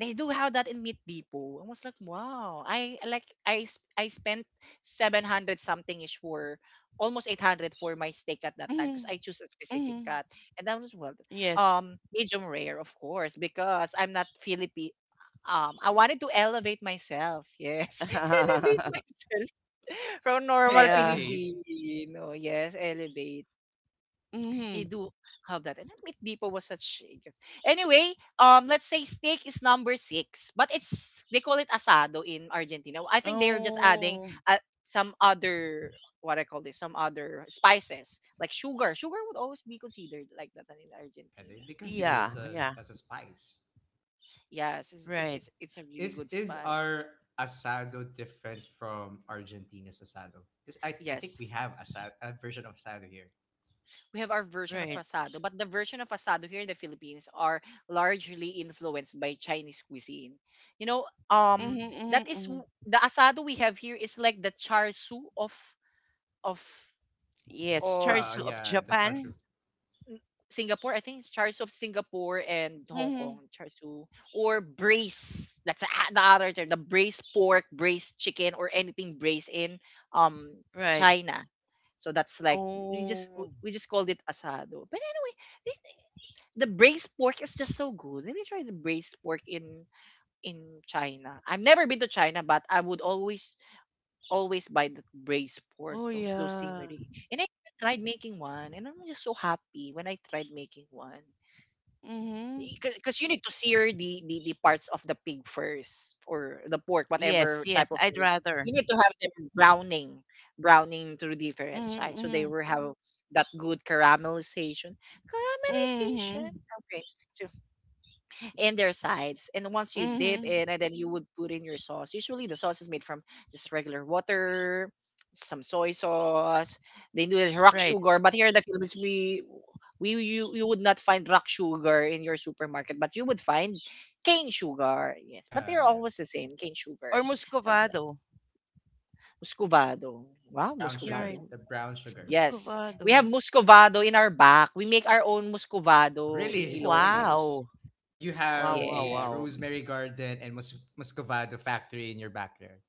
Speaker 1: They do have that in Meat Depot. I was like, wow. I like I s- I spent 700 something ish for almost 800 for my steak at that time because
Speaker 2: Mm.
Speaker 1: I choose a specific
Speaker 2: Mm.
Speaker 1: cut. And that was well,
Speaker 2: Yes.
Speaker 1: medium rare, of course, because I'm not Philippine. I wanted to elevate myself. Yes, elevate myself from normal
Speaker 2: Yeah.
Speaker 3: Innovate.
Speaker 1: Filipino. Yes, elevate you
Speaker 2: Mm-hmm.
Speaker 1: do have that. And Meat Depot was such. Anyway, let's say steak is No. 6, but it's they call it asado in Argentina. I think they are just adding
Speaker 2: Oh.
Speaker 1: uh, some other, what I call this, some other spices like sugar. Sugar would always be considered like that in
Speaker 3: Yeah, they
Speaker 1: Argentina.
Speaker 3: consider it
Speaker 2: Yeah.
Speaker 3: as,
Speaker 2: Yeah.
Speaker 3: as a spice.
Speaker 1: Yes, it's it's
Speaker 2: Right.
Speaker 1: it's, it's a really
Speaker 3: Is
Speaker 1: good
Speaker 3: is
Speaker 1: spice.
Speaker 3: our asado different from Argentina's asado? Because I think we
Speaker 1: Yes.
Speaker 3: have asado, a version of asado here.
Speaker 1: We have our version of
Speaker 2: Right.
Speaker 1: asado, but the version of asado here in the Philippines are largely influenced by Chinese cuisine. You know,
Speaker 2: Mm-hmm,
Speaker 3: Mm.
Speaker 2: mm-hmm, mm-hmm.
Speaker 1: the asado we have here is like the char siu of of
Speaker 2: Yes.
Speaker 1: of
Speaker 2: Charsu of
Speaker 3: Yeah, the char siu.
Speaker 2: Japan.
Speaker 1: Singapore. I think it's char siu of Singapore and Hong
Speaker 2: Mm-hmm.
Speaker 1: Kong char siu or braise. The other term, the braised pork, braised chicken, or anything braised in um
Speaker 2: Right.
Speaker 1: China. So that's like we just
Speaker 2: Oh.
Speaker 1: we just called it asado. But anyway, the braised pork is just so good. Let me try the braised pork in in China. I've never been to China, but I would always buy the braised pork,
Speaker 2: Oh
Speaker 1: those
Speaker 2: yeah.
Speaker 1: scenery. And I even tried making one, and I'm just so happy when I tried making one.
Speaker 2: Mm-hmm.
Speaker 1: Because you need to sear the parts of the pig first, or the pork,
Speaker 2: Yes.
Speaker 1: whatever type
Speaker 2: Yes.
Speaker 1: of
Speaker 2: I'd
Speaker 1: meat.
Speaker 2: rather.
Speaker 1: You need to have them browning, browning to different sides, so they
Speaker 2: Mm-hmm.
Speaker 1: will have that good caramelization. Caramelization,
Speaker 2: Mm-hmm.
Speaker 1: okay. So in their sides. And once you dip
Speaker 2: Mm-hmm.
Speaker 1: in, and then you would put in your sauce. Usually, the sauce is made from just regular water, some soy sauce. They do it rock
Speaker 2: Right.
Speaker 1: sugar, but here in the Philippines, we you would not find rock sugar in your supermarket, but you would find cane sugar. Yes, but
Speaker 3: Yeah,
Speaker 1: they're
Speaker 3: yeah.
Speaker 1: always the same cane sugar,
Speaker 2: Or
Speaker 1: something like
Speaker 2: Muscovado.
Speaker 1: muscovado. Wow,
Speaker 3: Brown
Speaker 2: You're
Speaker 3: sugar.
Speaker 2: right.
Speaker 1: muscovado.
Speaker 3: The brown sugar.
Speaker 1: Yes, we have
Speaker 2: Muscovado.
Speaker 1: muscovado in our back. We make our own
Speaker 3: Oh,
Speaker 1: muscovado in
Speaker 3: really? Really?
Speaker 1: Ilocos.
Speaker 2: Wow.
Speaker 3: So you
Speaker 2: Wow,
Speaker 3: have
Speaker 2: wow,
Speaker 3: a
Speaker 2: wow.
Speaker 1: Yes.
Speaker 3: rosemary garden and muscovado factory in your backyard.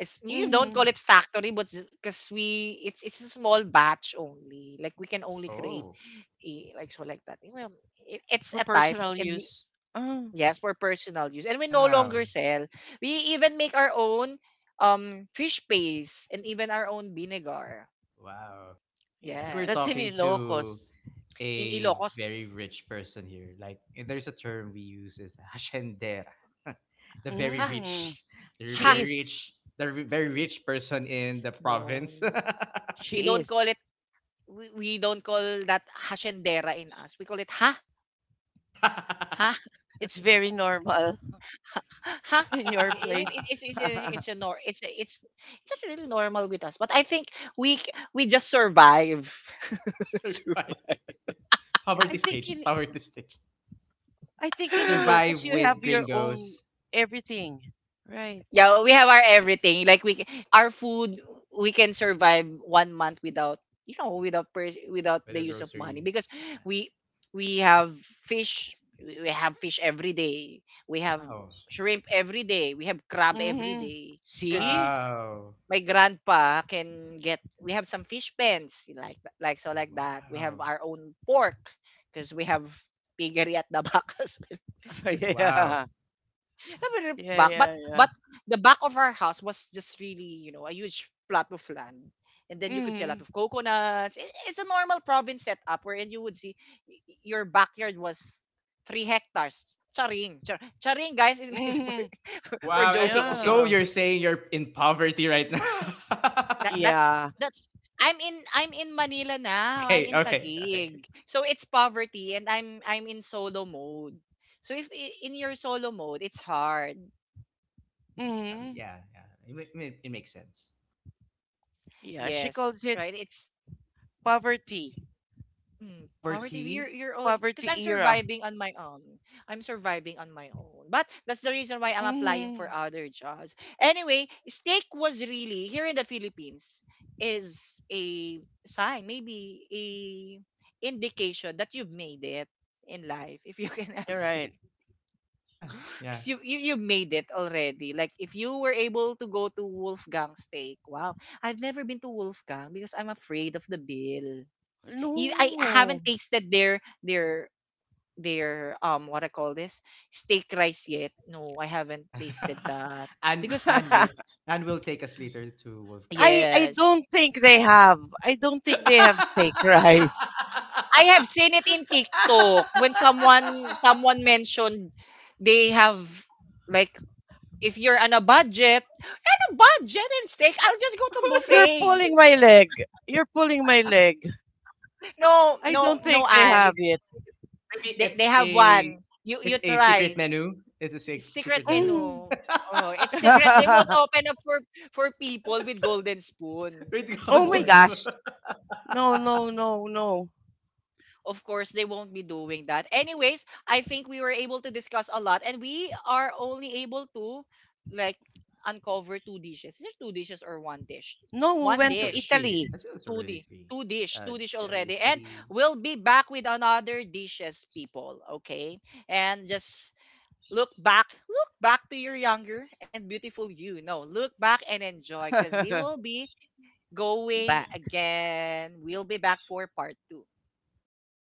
Speaker 1: It's you don't
Speaker 2: Mm-hmm.
Speaker 1: call it factory, but because we it's a small batch only. Like we can only create
Speaker 3: Oh,
Speaker 1: a, like so like that. You know, it's
Speaker 2: For
Speaker 1: a type,
Speaker 2: personal
Speaker 1: and we,
Speaker 2: use. Oh,
Speaker 1: yes, for personal use, and we no
Speaker 3: wow.
Speaker 1: longer sell. We even make our own fish paste and even our own vinegar.
Speaker 3: Wow. I
Speaker 2: yeah.
Speaker 3: think we're
Speaker 2: That's
Speaker 1: Yes,
Speaker 2: in
Speaker 3: talking to
Speaker 2: Ilocos.
Speaker 1: in
Speaker 3: a
Speaker 1: Ilocos,
Speaker 3: very rich person here. Like, eh, there's a term we use is "hachendera," the very
Speaker 1: ha
Speaker 3: rich,
Speaker 2: Mm.
Speaker 3: the
Speaker 1: ha,
Speaker 2: She
Speaker 3: very
Speaker 2: is.
Speaker 3: rich, the very rich person in the province.
Speaker 1: no, we
Speaker 2: She
Speaker 1: don't
Speaker 2: is.
Speaker 1: call it. We don't call that hashendera in us. We call it ha.
Speaker 2: It's very normal
Speaker 1: Huh?
Speaker 2: in your
Speaker 1: I mean,
Speaker 2: place. I
Speaker 1: it's a, it's it's not really normal with us, but I think we just survive. Sur-
Speaker 3: Survive poverty
Speaker 2: think
Speaker 3: stage,
Speaker 2: in
Speaker 3: poverty stage.
Speaker 2: I think in
Speaker 3: Survive
Speaker 2: Ilocos you
Speaker 3: with
Speaker 2: have your own
Speaker 3: gringos,
Speaker 2: everything. Right.
Speaker 1: yeah, we have our everything. Like, our food, we can survive one month without you know without pers-
Speaker 3: with
Speaker 1: without the
Speaker 3: the
Speaker 1: use of money
Speaker 3: groceries.
Speaker 1: because
Speaker 3: Yeah.
Speaker 1: we we have fish. We have fish every day. We have
Speaker 3: Wow,
Speaker 1: shrimp every day. We have crab every
Speaker 2: Mm-hmm.
Speaker 1: day. Because.
Speaker 2: See?
Speaker 3: wow,
Speaker 1: My grandpa can get, we have some fish pens, like so like that, we have
Speaker 3: wow,
Speaker 1: our own pork because we have piggery at the back as well.
Speaker 3: wow.
Speaker 2: Yeah.
Speaker 1: Not really
Speaker 2: Yeah,
Speaker 1: back, but
Speaker 2: yeah, yeah.
Speaker 1: but the back of our house was just really, a huge plot of land. And then you could see a lot
Speaker 2: Mhm.
Speaker 1: of coconuts. It's a normal province setup wherein you would see your backyard was 3 hectares. Charing, charing, guys, is made for,
Speaker 2: Mhm.
Speaker 1: for for
Speaker 3: Wow. and So
Speaker 1: joking, okay.
Speaker 3: so
Speaker 2: Yeah.
Speaker 3: you're saying you're in poverty right now?
Speaker 1: That
Speaker 2: Yeah.
Speaker 1: that's I'm in Manila now. I'm
Speaker 3: Okay.
Speaker 1: in
Speaker 3: Okay. Okay.
Speaker 1: Taguig. So it's poverty, and I'm in solo mode. So if I- in your solo mode, it's hard.
Speaker 2: Mhm.
Speaker 3: Yeah. Yeah. It makes sense.
Speaker 2: Yeah, she
Speaker 1: Yes,
Speaker 2: calls it
Speaker 1: right? It's
Speaker 2: poverty.
Speaker 1: Poverty, you're
Speaker 3: Poverty.
Speaker 1: you're already, because
Speaker 2: Poverty
Speaker 1: I'm
Speaker 2: era.
Speaker 1: surviving on my own. I'm surviving on my own, but that's the reason why I'm applying for
Speaker 2: Mhm.
Speaker 1: other jobs. Anyway, steak was really, here in the Philippines, is a sign, maybe a indication that you've made it in life if you can have
Speaker 2: You're
Speaker 1: steak,
Speaker 2: right.
Speaker 3: Yeah. Yeah.
Speaker 1: because you made it already, like if you were able to go to Wolfgang steak. Wow. I've never been to Wolfgang because I'm afraid of the bill. I
Speaker 2: No.
Speaker 1: haven't tasted their their what I call this steak rice yet. No, I haven't tasted that
Speaker 3: and
Speaker 1: because
Speaker 3: and
Speaker 1: f-
Speaker 3: late and we'll take us later to Wolfgang.
Speaker 2: I
Speaker 1: yes,
Speaker 2: don't think they have. I don't think they have steak rice.
Speaker 1: I have seen it in TikTok when someone mentioned they have, like, if you're on a budget, and steak, I'll just go to
Speaker 2: You're
Speaker 1: buffet.
Speaker 2: pulling my leg. You're pulling my leg.
Speaker 1: No,
Speaker 2: I
Speaker 1: no,
Speaker 2: don't
Speaker 1: no,
Speaker 2: think they
Speaker 3: maybe,
Speaker 2: have
Speaker 1: Anne.
Speaker 2: it.
Speaker 3: maybe
Speaker 1: They
Speaker 3: it's
Speaker 1: have
Speaker 3: a
Speaker 1: one. You
Speaker 3: it's a secret
Speaker 1: try.
Speaker 3: menu. It's a
Speaker 1: Secret
Speaker 3: secret menu.
Speaker 1: menu.
Speaker 2: Mhm.
Speaker 1: Oh, it's secret. They won't open up for people with golden
Speaker 3: With
Speaker 1: spoon. Of
Speaker 2: Oh my
Speaker 3: golden
Speaker 1: course.
Speaker 3: spoon.
Speaker 2: gosh. No, no, no, no.
Speaker 1: Of course, they won't be doing that. Anyways, I think we were able to discuss a lot, and we are only able to, like, uncover two dishes. Is it two dishes or one dish?
Speaker 2: No,
Speaker 3: I
Speaker 2: we
Speaker 3: think
Speaker 1: One
Speaker 3: it's,
Speaker 2: went to
Speaker 3: it's
Speaker 1: dish.
Speaker 3: three.
Speaker 2: Italy.
Speaker 3: I think it's already three.
Speaker 1: Two dish.
Speaker 3: Uh,
Speaker 1: Two dish
Speaker 3: yeah,
Speaker 1: already. And
Speaker 3: Italy,
Speaker 1: we'll be back with another dishes, people. Okay. And just, look back, look back to your younger and beautiful you. No, look back and enjoy because we will be going
Speaker 2: Back.
Speaker 1: again. We'll be back for part two.
Speaker 2: Right